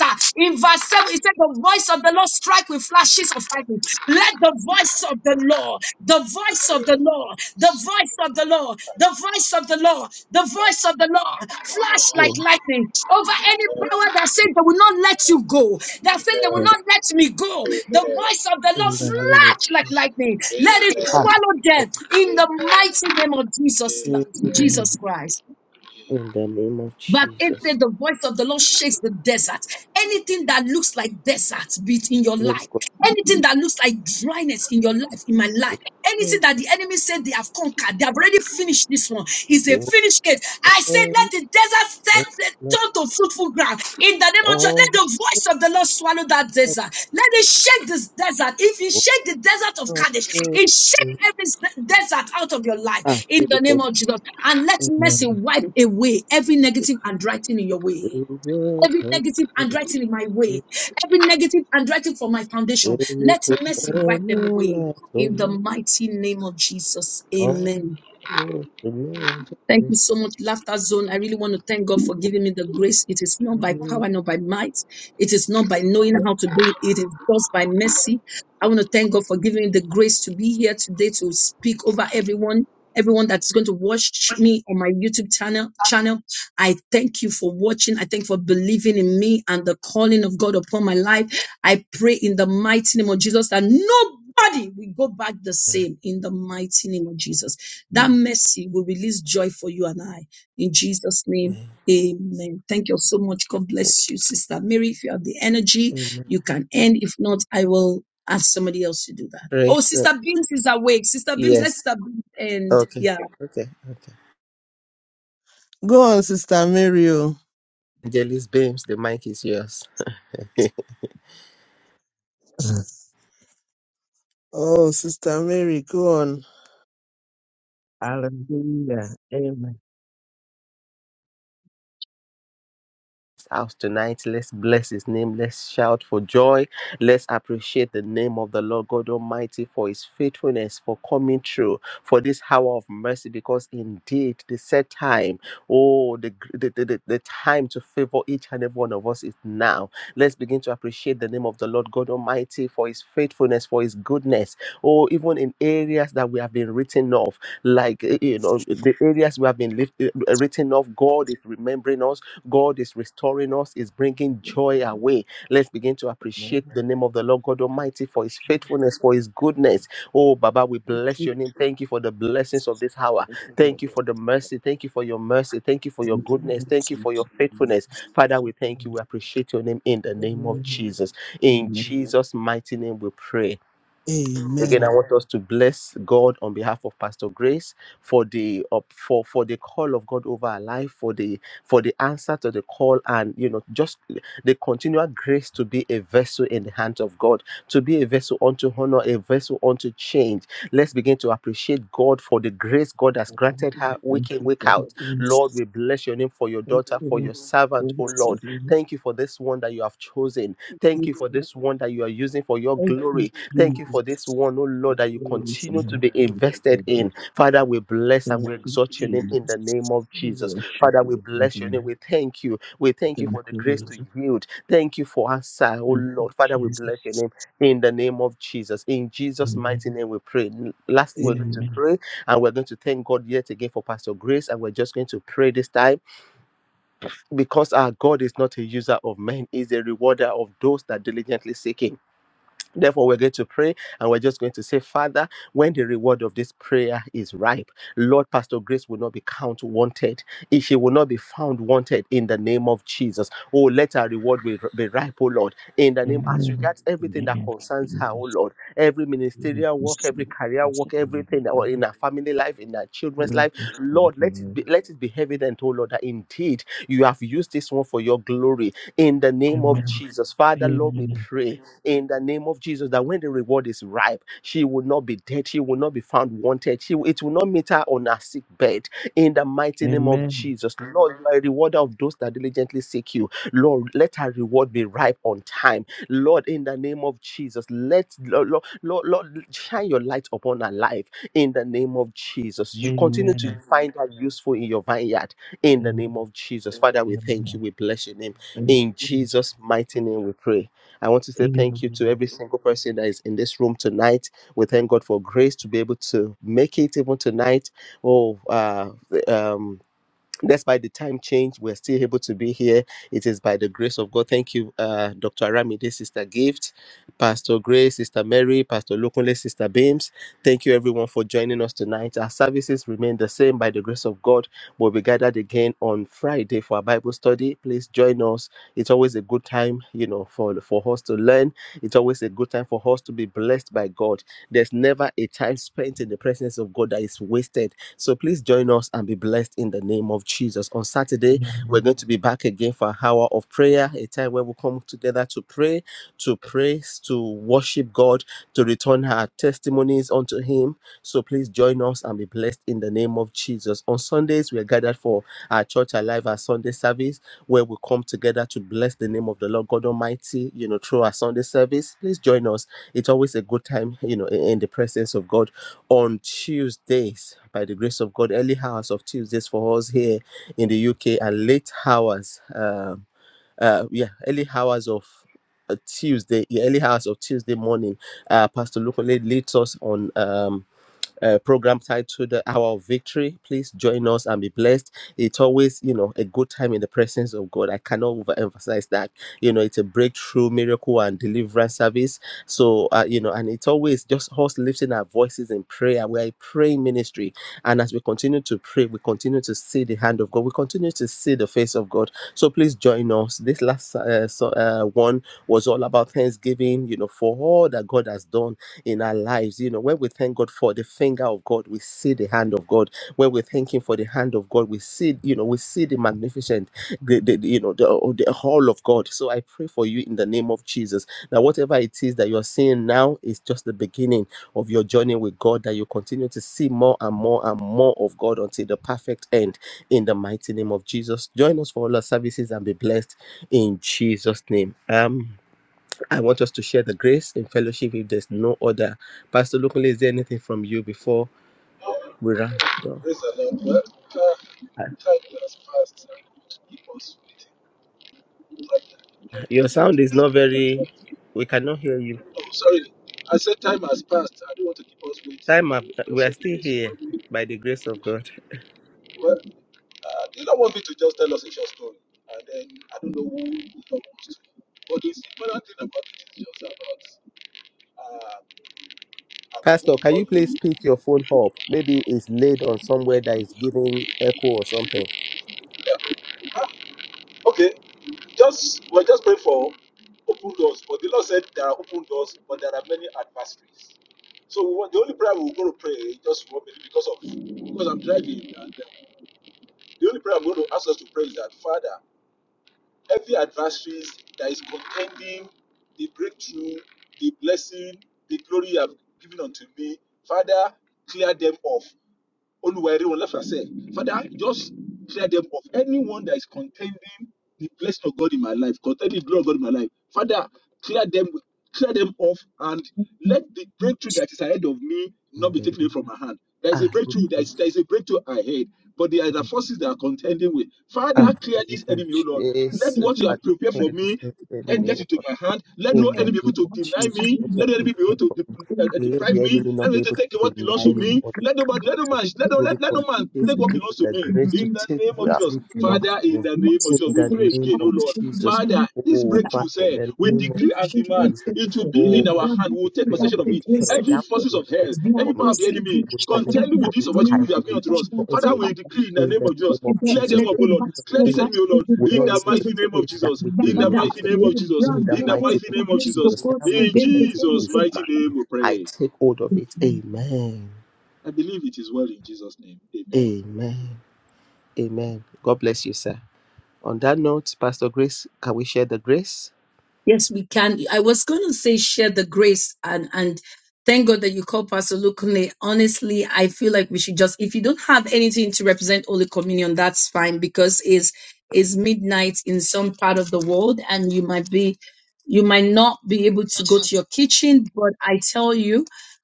S1: uh, In verse 7, it said, The voice of the Lord strike with flashes of lightning. Let the voice of the Lord, the voice of the Lord, the voice of the Lord, the voice of the Lord, the voice of the Lord flash like lightning over any power that said they will not let you go, that said they will not let me go. The voice of the Lord
S4: name
S1: flash
S4: of
S1: like
S4: Jesus.
S1: lightning. Let it
S4: Ah,
S1: swallow them in the mighty name of Jesus,
S4: Amen.
S1: Jesus Christ.
S4: In the name of
S1: But it
S4: Jesus.
S1: said the voice of the Lord shakes the desert. Anything that looks like desert, be it in your
S4: Lord
S1: life,
S4: God,
S1: anything that looks like dryness in your life, in my life,
S4: we
S1: anything
S4: thank
S1: that the enemy said they have conquered, they have already finished this one, is a
S4: you.
S1: finished case. I said,
S4: Amen.
S1: let the desert set
S4: Amen.
S1: turn to fruitful ground in the name of Jesus.
S4: All
S1: Let
S4: the
S1: the voice of the Lord swallow that desert. Let it shake this desert. If you shake the desert of
S4: Glory
S1: Kadesh,
S4: to God.
S1: it shake
S4: we
S1: every s- desert out of your life
S4: ask
S1: in the name of Jesus. And let mercy
S3: Amen.
S1: wipe away every
S4: that
S1: negative handwriting in your way.
S4: you will
S1: Every
S4: come.
S1: negative handwriting in my way, every negative handwriting for my foundation,
S4: Emi
S1: let
S4: ko
S1: mercy wipe them
S4: emu
S1: away
S4: la
S1: in the
S4: toni
S1: mighty name of Jesus.
S4: awo
S1: Amen.
S4: toni
S1: Thank
S4: ajabu.
S1: you so much, Laughter Zone. I really want to thank God for giving me the grace. It is not by
S4: Amen.
S1: power, not by might. It is not by knowing how to do it. It is just by mercy. I want to thank God for giving me the grace to be here today to speak over everyone. Everyone that's going to watch me on my YouTube channel, channel, I thank you for watching. I thank you for believing in me and the calling of God upon my life. I pray in the mighty name of Jesus that nobody will go back the same. In the mighty name of Jesus. That mercy will release joy for you and I. In Jesus' name,
S4: Amen.
S1: amen. Thank you so much. God
S4: Thank you.
S1: bless you, Sister Mary. If you have the energy,
S4: Amen.
S1: you can end. If not, I will ask somebody else to do that.
S4: Praise
S1: Oh,
S4: God.
S1: Sister Beams is awake. Sister Beams,
S4: Yes.
S1: let's Sister Beams end.
S4: Okay. Okay. Okay.
S3: Go on, Sister Mary. Oh,
S4: Angelis Beams, the mic is yours.
S3: Oh, Sister Mary, go on. Hallelujah. Amen.
S4: house tonight. Let's bless his name. Let's shout for joy. Let's appreciate the name of the Lord God Almighty for his faithfulness, for coming through, for this hour of mercy, because indeed the set time, oh, the, gr- the, the, the the time to favor each and every one of us is now. Let's begin to appreciate the name of the Lord God Almighty for his faithfulness, for his goodness, oh, even in areas that we have been written off, like, eh, you know, the areas we have been lift, eh, written off, God is remembering us. God is restoring us, is bringing joy away. Let's begin to appreciate the name of the Lord God Almighty for his
S3: and
S4: faithfulness, for his goodness. Oh, Baba, we
S3: the
S4: bless
S3: future.
S4: your name. Thank you for the blessings of this hour.
S3: Thank you,
S4: Thank
S3: Lord.
S4: you for the
S3: Lord,
S4: mercy. Thank you for your mercy. Thank you for your
S3: Thank you,
S4: goodness.
S3: Lord.
S4: Thank you
S3: Thank
S4: for
S3: you,
S4: your faithfulness.
S3: Jesus.
S4: Father, we
S3: Thank
S4: thank you. We appreciate your name in the
S3: you,
S4: name of
S3: Lord.
S4: Jesus. In
S3: Amen.
S4: Jesus' mighty name, we pray. Again, I
S3: Amen.
S4: want us to bless God on behalf of Pastor Grace for the up for for the call of God over our life, for the for the answer to the call, and you know just the continual grace to be a vessel in the hands of God, to be a vessel unto honor, a vessel unto change. Let's begin to appreciate God for the grace God has
S3: Father,
S4: granted
S3: we
S4: her
S3: Thank
S4: week in
S3: you
S4: week
S3: for the
S4: out.
S3: grace.
S4: Lord, we bless your name for your
S3: Thank
S4: daughter,
S3: you,
S4: for
S3: Lord,
S4: your
S3: for
S4: servant,
S3: the
S4: oh Lord.
S3: city.
S4: Thank you for this one that you have chosen.
S3: Thank
S4: Thank
S3: you,
S4: you for
S3: Lord.
S4: this one that you are using for your
S3: Thank you,
S4: glory. Thank you for this
S3: Jesus.
S4: one, oh Lord,
S3: We
S4: that you continue to
S3: glorify
S4: be
S3: you,
S4: invested
S3: Father.
S4: in. Father, we bless and
S3: Thank
S4: we
S3: you,
S4: exalt your name in
S3: Jesus.
S4: the name of
S3: We
S4: Jesus.
S3: worship
S4: Father, we
S3: you.
S4: bless your name.
S3: Amen.
S4: We thank you. We thank you
S3: Thank
S4: for the
S3: you,
S4: grace
S3: Lord.
S4: to yield. Thank you for answer, oh
S3: Thank you,
S4: Lord. Father, we bless your
S3: Jesus.
S4: name in the name of Jesus. In Jesus'
S3: Amen.
S4: mighty name, we pray. Lastly, we're going to
S3: Amen.
S4: pray and we're going to thank God yet again for Pastor Grace. And we're just going to pray this time because our God is not a user of men, He's a rewarder of those that diligently seek Him. Therefore, we're going to pray and we're just going to say, Father, when the reward of this prayer is ripe, Lord, Pastor Grace will not be count wanted. If she will not be found wanted in the name of Jesus. Oh, let her reward be be ripe, oh Lord. In the name, as
S3: Amen.
S4: regards
S3: In the
S4: everything
S3: name
S4: that
S3: of
S4: concerns her,
S3: Jesus.
S4: oh Lord, every ministerial work, every career work, everything that- or in her family life, in her children's life, Lord, let it be let it be evident, oh Lord, that indeed you have used this one for your glory in the name of
S3: Amen.
S4: Jesus. Father, Lord, we
S3: Amen.
S4: pray in the name of Jesus that when the reward is ripe, she will not be dead, she will not be found wanted, she it will not meet her on her sick bed. In the mighty name of
S3: Amen.
S4: Jesus, Lord, you are a rewarder of those that diligently seek you. Lord, let her reward be ripe on time. Lord, in the name of Jesus, let Lord, Lord, Lord, Lord, shine your light upon her life. In the name of Jesus, you continue
S3: Amen.
S4: to find her useful in your vineyard. In the
S3: Amen.
S4: name of Jesus, Father, we thank you.
S3: Amen.
S4: We bless your name.
S3: Thank
S4: In
S3: you.
S4: Jesus' mighty name, we pray. I want to say
S3: Amen.
S4: thank you to every single person that is in this room tonight. We thank God for grace to be able to make it even tonight. Oh, uh, um, despite the time change, we're still able to be here. It is by the grace of God. Thank you, uh, Dr. Aramide, Sister Gift, Pastor Grace, Sister Mary, Pastor Lokunle, Sister Beams. Thank you, everyone, for joining us tonight. Our services remain the same by the grace of God. We'll be gathered again on Friday for our Bible study. Please join us. It's always a good time, you know, for, for us to learn. It's always a good time for us to be blessed by God. There's never a time spent in the presence of God that is wasted so please join us and be blessed in the name of Jesus. On Saturday, we're
S3: Amen.
S4: going to be back again for an hour of prayer, a time where we come together to pray, to praise, to worship God, to return our testimonies unto Him. So please join us and be blessed in the name of Jesus. On Sundays, we are gathered for our church alive, our Sunday service, where we come together to bless the name of the Lord God Almighty, you know, through our Sunday service. Please join us. It's always a good time, you know, in in the presence of God on Tuesdays, by the grace of God, early hours of Tuesdays for us here in the UK, and late hours, um, uh, yeah, early hours of uh, Tuesday, yeah, early hours of Tuesday morning. Uh, Pastor Lukule leads us on. Um, uh, program titled The Hour of Victory. Please join us and be blessed. It's always, you know, a good time in the presence of God. I cannot overemphasize that. You know, it's a breakthrough, miracle, and deliverance service. So, uh, you know, and it's always just us lifting our voices in prayer. We are a praying ministry. And as we continue to pray, we continue to see the hand of God. We continue to see the face of God. So please join us. This last uh, so, uh, one was all about Thanksgiving, you know, for all that God has done in our lives. You know, when we thank God for the finger of God, we see the hand of God. When we thank Him for the hand of God, we see, you know, we see the magnificent, the, the the, you know, the, oh, the whole of God. So I pray for you in the name of Jesus. Now, whatever it is that you're seeing now is just the beginning of your journey with God, that you continue to see more and more and more of God until the perfect end in the mighty name of Jesus. Join us for all our services and be blessed in Jesus' name. Amen. I want us to share the grace in fellowship if there's no other. Pastor Lukule, is there anything from you before we round off?
S2: the Lord. Well,
S4: Uh,
S2: uh, time has passed. uh, He was waiting.
S4: Your sound is not very, we cannot hear you.
S2: Oh, sorry. I said time has passed. I don't want to keep us waiting.
S4: Time up.
S2: Just
S4: We
S2: say
S4: are
S2: the
S4: still here
S2: grace.
S4: by the grace of God.
S2: Well, uh, the Lord wants me to just tell us a short story, and then I don't know who the Lord to. But the important thing about it is just about uh, I'm open
S4: Pastor, can
S2: before
S4: you
S2: you.
S4: please pick your phone up? Maybe it's laid on somewhere that is giving echo or something.
S2: Okay, just we're just praying for open doors, but the Lord said there are open doors, but there are many adversaries. So we want, the only prayer we're going to pray is just for me because of because I'm driving, and uh, the only prayer I'm going to ask us to pray is that Father. Every adversary that is contending the breakthrough, the blessing, the glory you have given unto me, Father, clear them off. Oluwari Olafase. Father, just clear them of anyone that is contending the blessing of God in my life, contending the glory of God in my life. Father, clear them, clear them off, and let the breakthrough that is ahead of me not
S4: In
S2: be
S4: the
S2: taken away
S4: name-
S2: from my hand. There is a
S4: Ah, Lord,
S2: breakthrough, there is, there
S4: God.
S2: is a breakthrough ahead, but there are the forces that are contending with. Father,
S4: ah,
S2: clear
S4: Lord,
S2: this
S4: God.
S2: enemy, O Lord. Let
S4: Jesus,
S2: what you
S4: Father,
S2: have prepared for
S4: clear this
S2: me
S4: earth in the
S2: let get
S4: name of
S2: into my hand. Let no
S4: In
S2: enemy
S4: the
S2: be able
S4: name
S2: to
S4: of
S2: deny
S4: Jesus,
S2: me.
S4: what you
S2: Let no
S4: have
S2: enemy be able
S4: prepared
S2: to
S4: for
S2: de-
S4: me.
S2: uh, uh,
S4: Let
S2: deprive
S4: the
S2: me.
S4: enemy not
S2: Let me
S4: be
S2: to
S4: able
S2: take
S4: to
S2: what belongs
S4: deny
S2: to
S4: me
S2: me.
S4: or
S2: Let no man, let
S4: deprive
S2: no
S4: me.
S2: man, let no,
S4: Lord,
S2: let, let no
S4: because
S2: man
S4: Jesus,
S2: take what
S4: give
S2: belongs
S4: me
S2: to
S4: the
S2: me.
S4: grace to
S2: In the
S4: take
S2: name of
S4: that
S2: Jesus,
S4: which belongs
S2: Father,
S4: to
S2: in
S4: me.
S2: the name of
S4: In
S2: Jesus, we
S4: the
S2: pray
S4: name
S2: again, oh
S4: of
S2: Lord,
S4: Jesus.
S2: Father, this
S1: Yeah.
S4: Oh,
S2: breakthrough,
S4: Father, in
S2: say,
S4: the
S2: we
S1: Let the
S4: name of
S2: decree
S1: bus
S2: and demand.
S4: Jesus.
S1: go
S2: it to be
S4: Oh,
S2: in our
S4: Father,
S2: hand. We
S4: we
S2: will take
S4: declare,
S2: possession
S4: we
S2: of it.
S4: declare
S2: Every
S4: that
S2: forces
S4: you
S2: of
S4: have in
S2: hell,
S4: store for
S2: every power
S4: me.
S2: of the enemy,
S4: I will benefit
S2: contending with
S4: from
S2: this
S4: it. I
S2: opportunity you
S4: will
S2: have given unto us.
S4: rejoice
S2: Father,
S4: with
S2: we
S4: it.
S2: decree in the
S4: In
S2: name
S4: the
S2: of
S4: name
S2: Jesus,
S4: of
S2: clear
S4: Jesus,
S2: them up,
S4: the
S2: O Lord.
S4: hand of the
S2: Clear this
S4: enemy
S2: enemy,
S1: past
S2: O
S1: to
S2: Lord,
S1: the
S4: will
S2: in
S4: not be
S2: the
S1: grace
S4: able
S1: to
S4: to
S2: mighty
S1: the
S2: name of
S4: take that
S2: Jesus.
S4: which
S2: In the
S1: Babada,
S4: belongs
S2: mighty
S4: to
S2: name
S4: me
S2: of Jesus.
S1: blood
S4: in the
S2: In
S1: who
S2: the
S1: goes
S4: mighty
S2: mighty
S4: name
S2: name
S4: of
S2: of
S1: against the
S2: Jesus.
S4: Jesus,
S1: course
S4: that which
S2: In
S1: against
S4: belongs to me
S2: Jesus'
S4: is
S2: mighty
S1: the
S4: mine.
S2: name we
S4: I
S2: pray.
S4: take hold of it. Amen.
S2: I believe it is well in Jesus' name. Amen.
S4: Amen. Amen. God bless you, sir. On that note, Pastor Grace, can we share the grace?
S1: Yes, we can. I was going to say share the grace and and thank God that you call Pastor Lukunle. Honestly, I feel like we should just if you don't have anything to represent Holy Communion, that's fine because it's it's midnight in some part of the world and you might be you might not be able to go to your kitchen, but I tell you,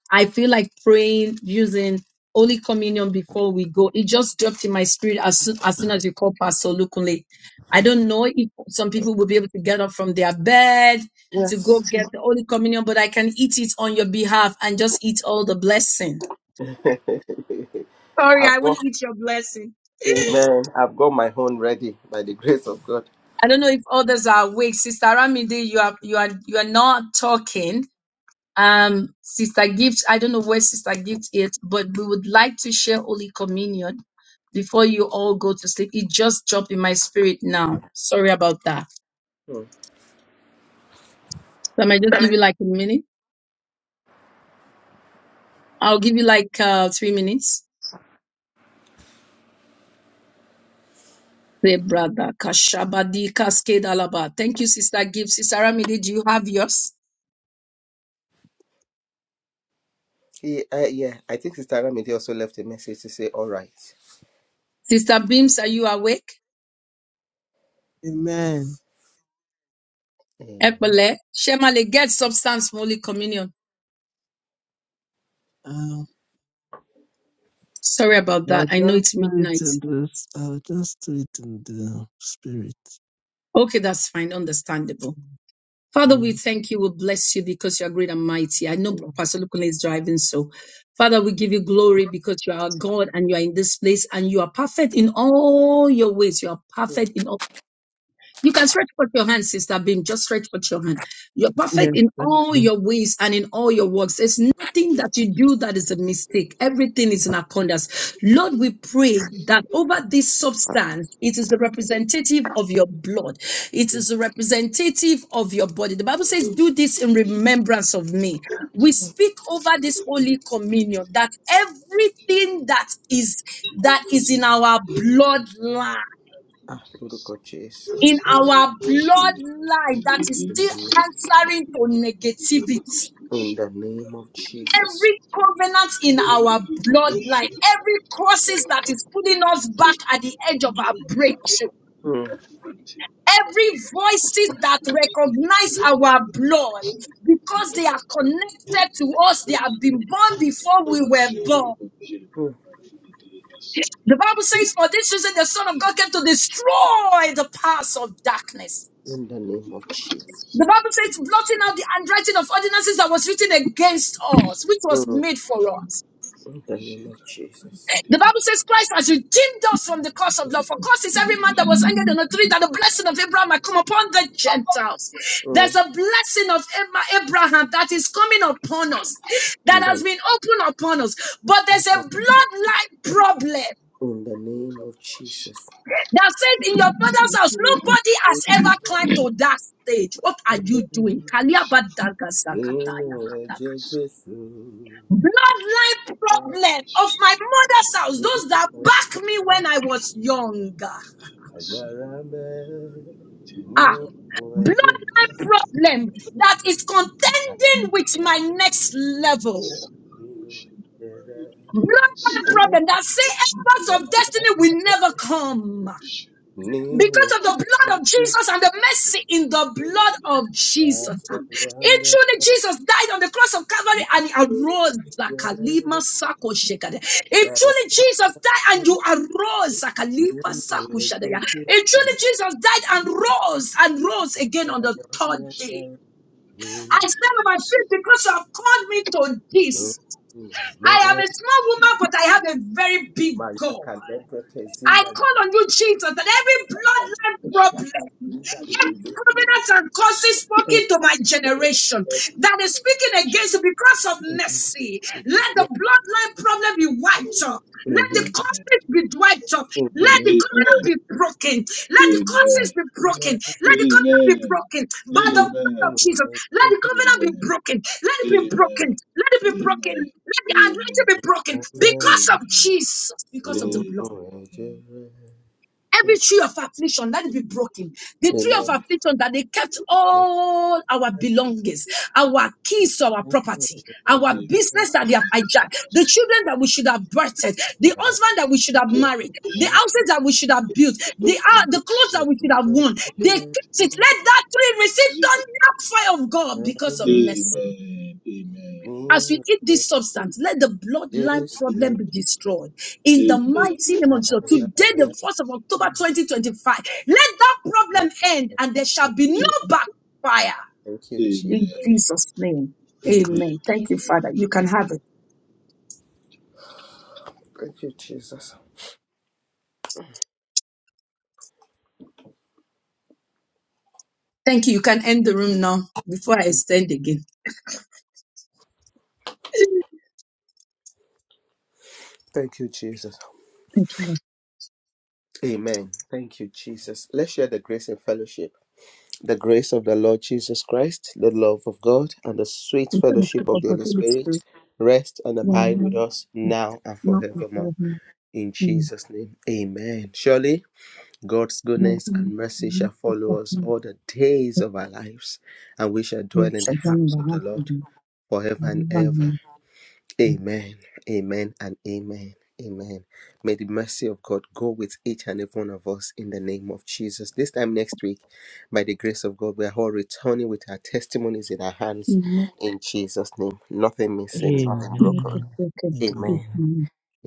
S1: I feel like praying using Holy Communion before we go. It just dropped in my spirit as soon as, soon as you call Pastor Lukunle. I don't know if some people will be able to get up from their bed to go
S4: Yes.
S1: get the Holy Communion, but I can eat it on your behalf and just eat all the blessing. Sorry, I
S4: I've
S1: won't
S4: got,
S1: eat your blessing.
S4: amen. I've got my own ready by the grace of God.
S1: I don't know if others are awake. Sister Ramide, you are you are you are not talking. Um, Sister Gift, I don't know where Sister Gift is, but we would like to share Holy Communion before you all go to sleep. It just dropped in my spirit now. Sorry about that.
S4: Hmm.
S1: So I might just give you like a minute. I'll give you like uh, three minutes. Rebrada Kashabadi Cascade alaba. Thank you, Sister Gibbs. Sister Ramide, do you have yours?
S4: He, uh, yeah, I think Sister Ramide also left a message to say, all right.
S1: Sister Beams, are you awake?
S3: Amen.
S4: Amen.
S1: Epele. Shemale, get substance Holy Communion.
S3: Um,
S1: Sorry about
S3: I'll
S1: that. I know
S3: just
S1: it's
S3: do it
S1: midnight.
S3: in this. I'll just do it in the spirit.
S1: Okay, that's fine. Understandable. Father, we
S3: Mm.
S1: thank you. We bless you because you are great and mighty. I know Pastor Lukule is driving, so Father, we give you glory because you are our God and you are in this place and you are perfect in all your ways. You are
S4: Hmm.
S1: perfect in all You can stretch forth your hand, Sister Beam. Just stretch forth your hand. You're perfect
S3: Yes,
S1: in
S3: thank
S1: all
S3: you.
S1: your ways and in all your works. There's nothing that you do that is a mistake. Everything is in accordance. Lord, we pray that over this substance, it is a representative of your blood. It is a representative of your body. The Bible says, do this in remembrance of me. We speak over this holy communion that everything that is that is in our bloodline
S2: In
S4: Ah, Lord
S2: Jesus'
S4: God, Jesus.
S1: in our bloodline that is
S4: In
S1: still
S4: the name
S1: answering to negativity.
S4: in the name of Jesus.
S1: Every covenant in our bloodline, every crosses that is pulling us back at the edge of our breakthrough,
S4: Hmm.
S1: every voices that recognize our blood because they are connected to us, they have been born before we were born.
S4: Hmm.
S1: The Bible says, For this reason, the Son of God came to destroy the powers of darkness.
S4: In the name of Jesus.
S1: The Bible says, blotting out the handwriting of ordinances that was written against us, which was
S4: Mm.
S1: made for us.
S4: In the name of Jesus.
S1: The Bible says, Christ has redeemed us from the curse of law. For curse is every man that was hanged on a tree, that the blessing of Abraham might come upon the Gentiles. There's
S4: Mm.
S1: a blessing of Abra- Abraham that is coming upon us, that
S4: In
S1: has
S4: the,
S1: been opened upon us. But
S4: in
S1: there's a
S4: the, name of-
S1: bloodline problem
S4: in the name of Jesus.
S1: that says, in your father's house, nobody has ever climbed to that stage. What are you doing?
S4: Nínú
S1: Kaliabadagasakatayakataka.
S4: ẹ̀jẹ̀ Jésù,
S1: bloodline problem of my mother's house, those that back me when I was younger.
S4: agbára ń bẹ,
S1: Ah,
S2: name.
S4: nínú ẹ̀jẹ̀
S1: bloodline problem that is contending with my next
S2: Amen. Amen. Amen. Amen. Amen. Amen. Amen. Amen. Amen. Amen. Amen. Amen.
S1: level.
S4: nínú ẹ̀jẹ̀ rẹ̀,
S1: Bloodline
S4: ó
S1: problem that say
S4: gbà
S1: efforts of destiny will never come.
S4: Nínú
S1: because of the blood of
S4: ẹ̀jẹ̀
S1: Jesus
S4: Jésù,
S1: and the mercy in the blood of Jesus.
S4: agbára ń
S1: It
S4: bẹ,
S1: truly Jesus died on the cross of Calvary and he arose. Zakalima
S4: agbára
S1: sako shekade. It truly Jesus died and you arose. Zakaliba
S4: nínú
S1: sako
S4: ẹ̀jẹ̀
S1: shadeya. It
S4: Jésù.
S1: truly Jesus died and rose and rose
S4: Thank
S1: again
S4: you.
S1: on the third day. I stand on my feet because you have called me to this. I am a small woman, but I have a very big goal. I call on you, Jesus, that every bloodline problem, every covenant and curses spoken to my generation that is speaking against you because of mercy, let the bloodline problem be wiped off. Let the
S4: Amen.
S1: curses be wiped off. Let the covenant be broken. Let the curses be broken. Let the covenant be broken by the blood of Jesus. Let the covenant be broken. Let it be broken. Let it be broken. Let the anointing be broken because of Jesus, because of the blood. Every tree of affliction, let it be broken. The tree of
S4: Amen.
S1: affliction that they kept all our belongings, our keys to our property, our business that they have hijacked, the children that we should have birthed, the husband that we should have married, the houses that we should have built, the, uh, the clothes that we should have worn. They kept it. Let that tree receive thunder fire of God because of mercy.
S2: Amen. Amen.
S1: As we
S4: Name
S1: eat
S4: of
S1: this substance, let the bloodline
S4: Jesus,
S1: problem be destroyed. In the
S2: Amen.
S1: mighty name of
S4: Thank
S1: Jesus, today, the 1st of October 2025, let that problem end and there shall be no backfire.
S4: you,
S1: In
S4: Jesus.
S1: Jesus' name,
S4: Amen.
S1: amen. Thank you, Father. You can have it.
S4: Thank you, Jesus.
S1: Thank you. You can end the room now before I extend again.
S4: Thank you, Jesus.
S1: Thank you, Lord.
S4: Amen. Thank you, Jesus. Let's share the grace and fellowship. The grace of the Lord Jesus Christ, the love of God, and the sweet
S1: We thank you
S4: fellowship of
S1: for
S4: the
S1: the
S4: Holy
S1: Holy
S4: Spirit
S1: Spirit.
S4: rest and
S1: Now,
S4: abide
S1: now,
S4: with us
S1: now,
S4: now and
S1: now, and
S4: forevermore.
S1: forevermore.
S4: In
S1: Amen.
S4: Jesus' name, amen. Surely. God's
S1: Now, now,
S4: goodness and
S1: and
S4: mercy
S1: now,
S4: shall
S1: and
S4: follow us
S1: forevermore.
S4: all the days of our lives, and we shall
S1: Amen.
S4: dwell in the
S1: Shalom in
S4: house
S1: the
S4: of the
S1: house of
S4: Lord forever and
S1: God.
S4: ever.
S1: Amen.
S4: Amen. Amen and amen. Amen. May the mercy of God go with each and every one of us in the name of Jesus. This time next week, by the grace of God, we are all returning with our testimonies in our hands
S1: Let
S4: in Jesus' name. Nothing missing,
S3: Amen.
S4: nothing
S1: not
S4: broken.
S1: the broken be
S3: Amen.
S4: Amen.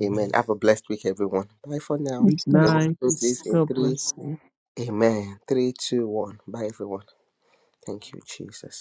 S4: Amen. Have a blessed week, everyone. Bye for now.
S3: Good
S1: moved.
S4: The world
S3: night.
S4: closes in
S3: God
S4: three.
S3: bless you.
S4: Amen. Three, two, one. Bye, everyone. Thank you, Jesus.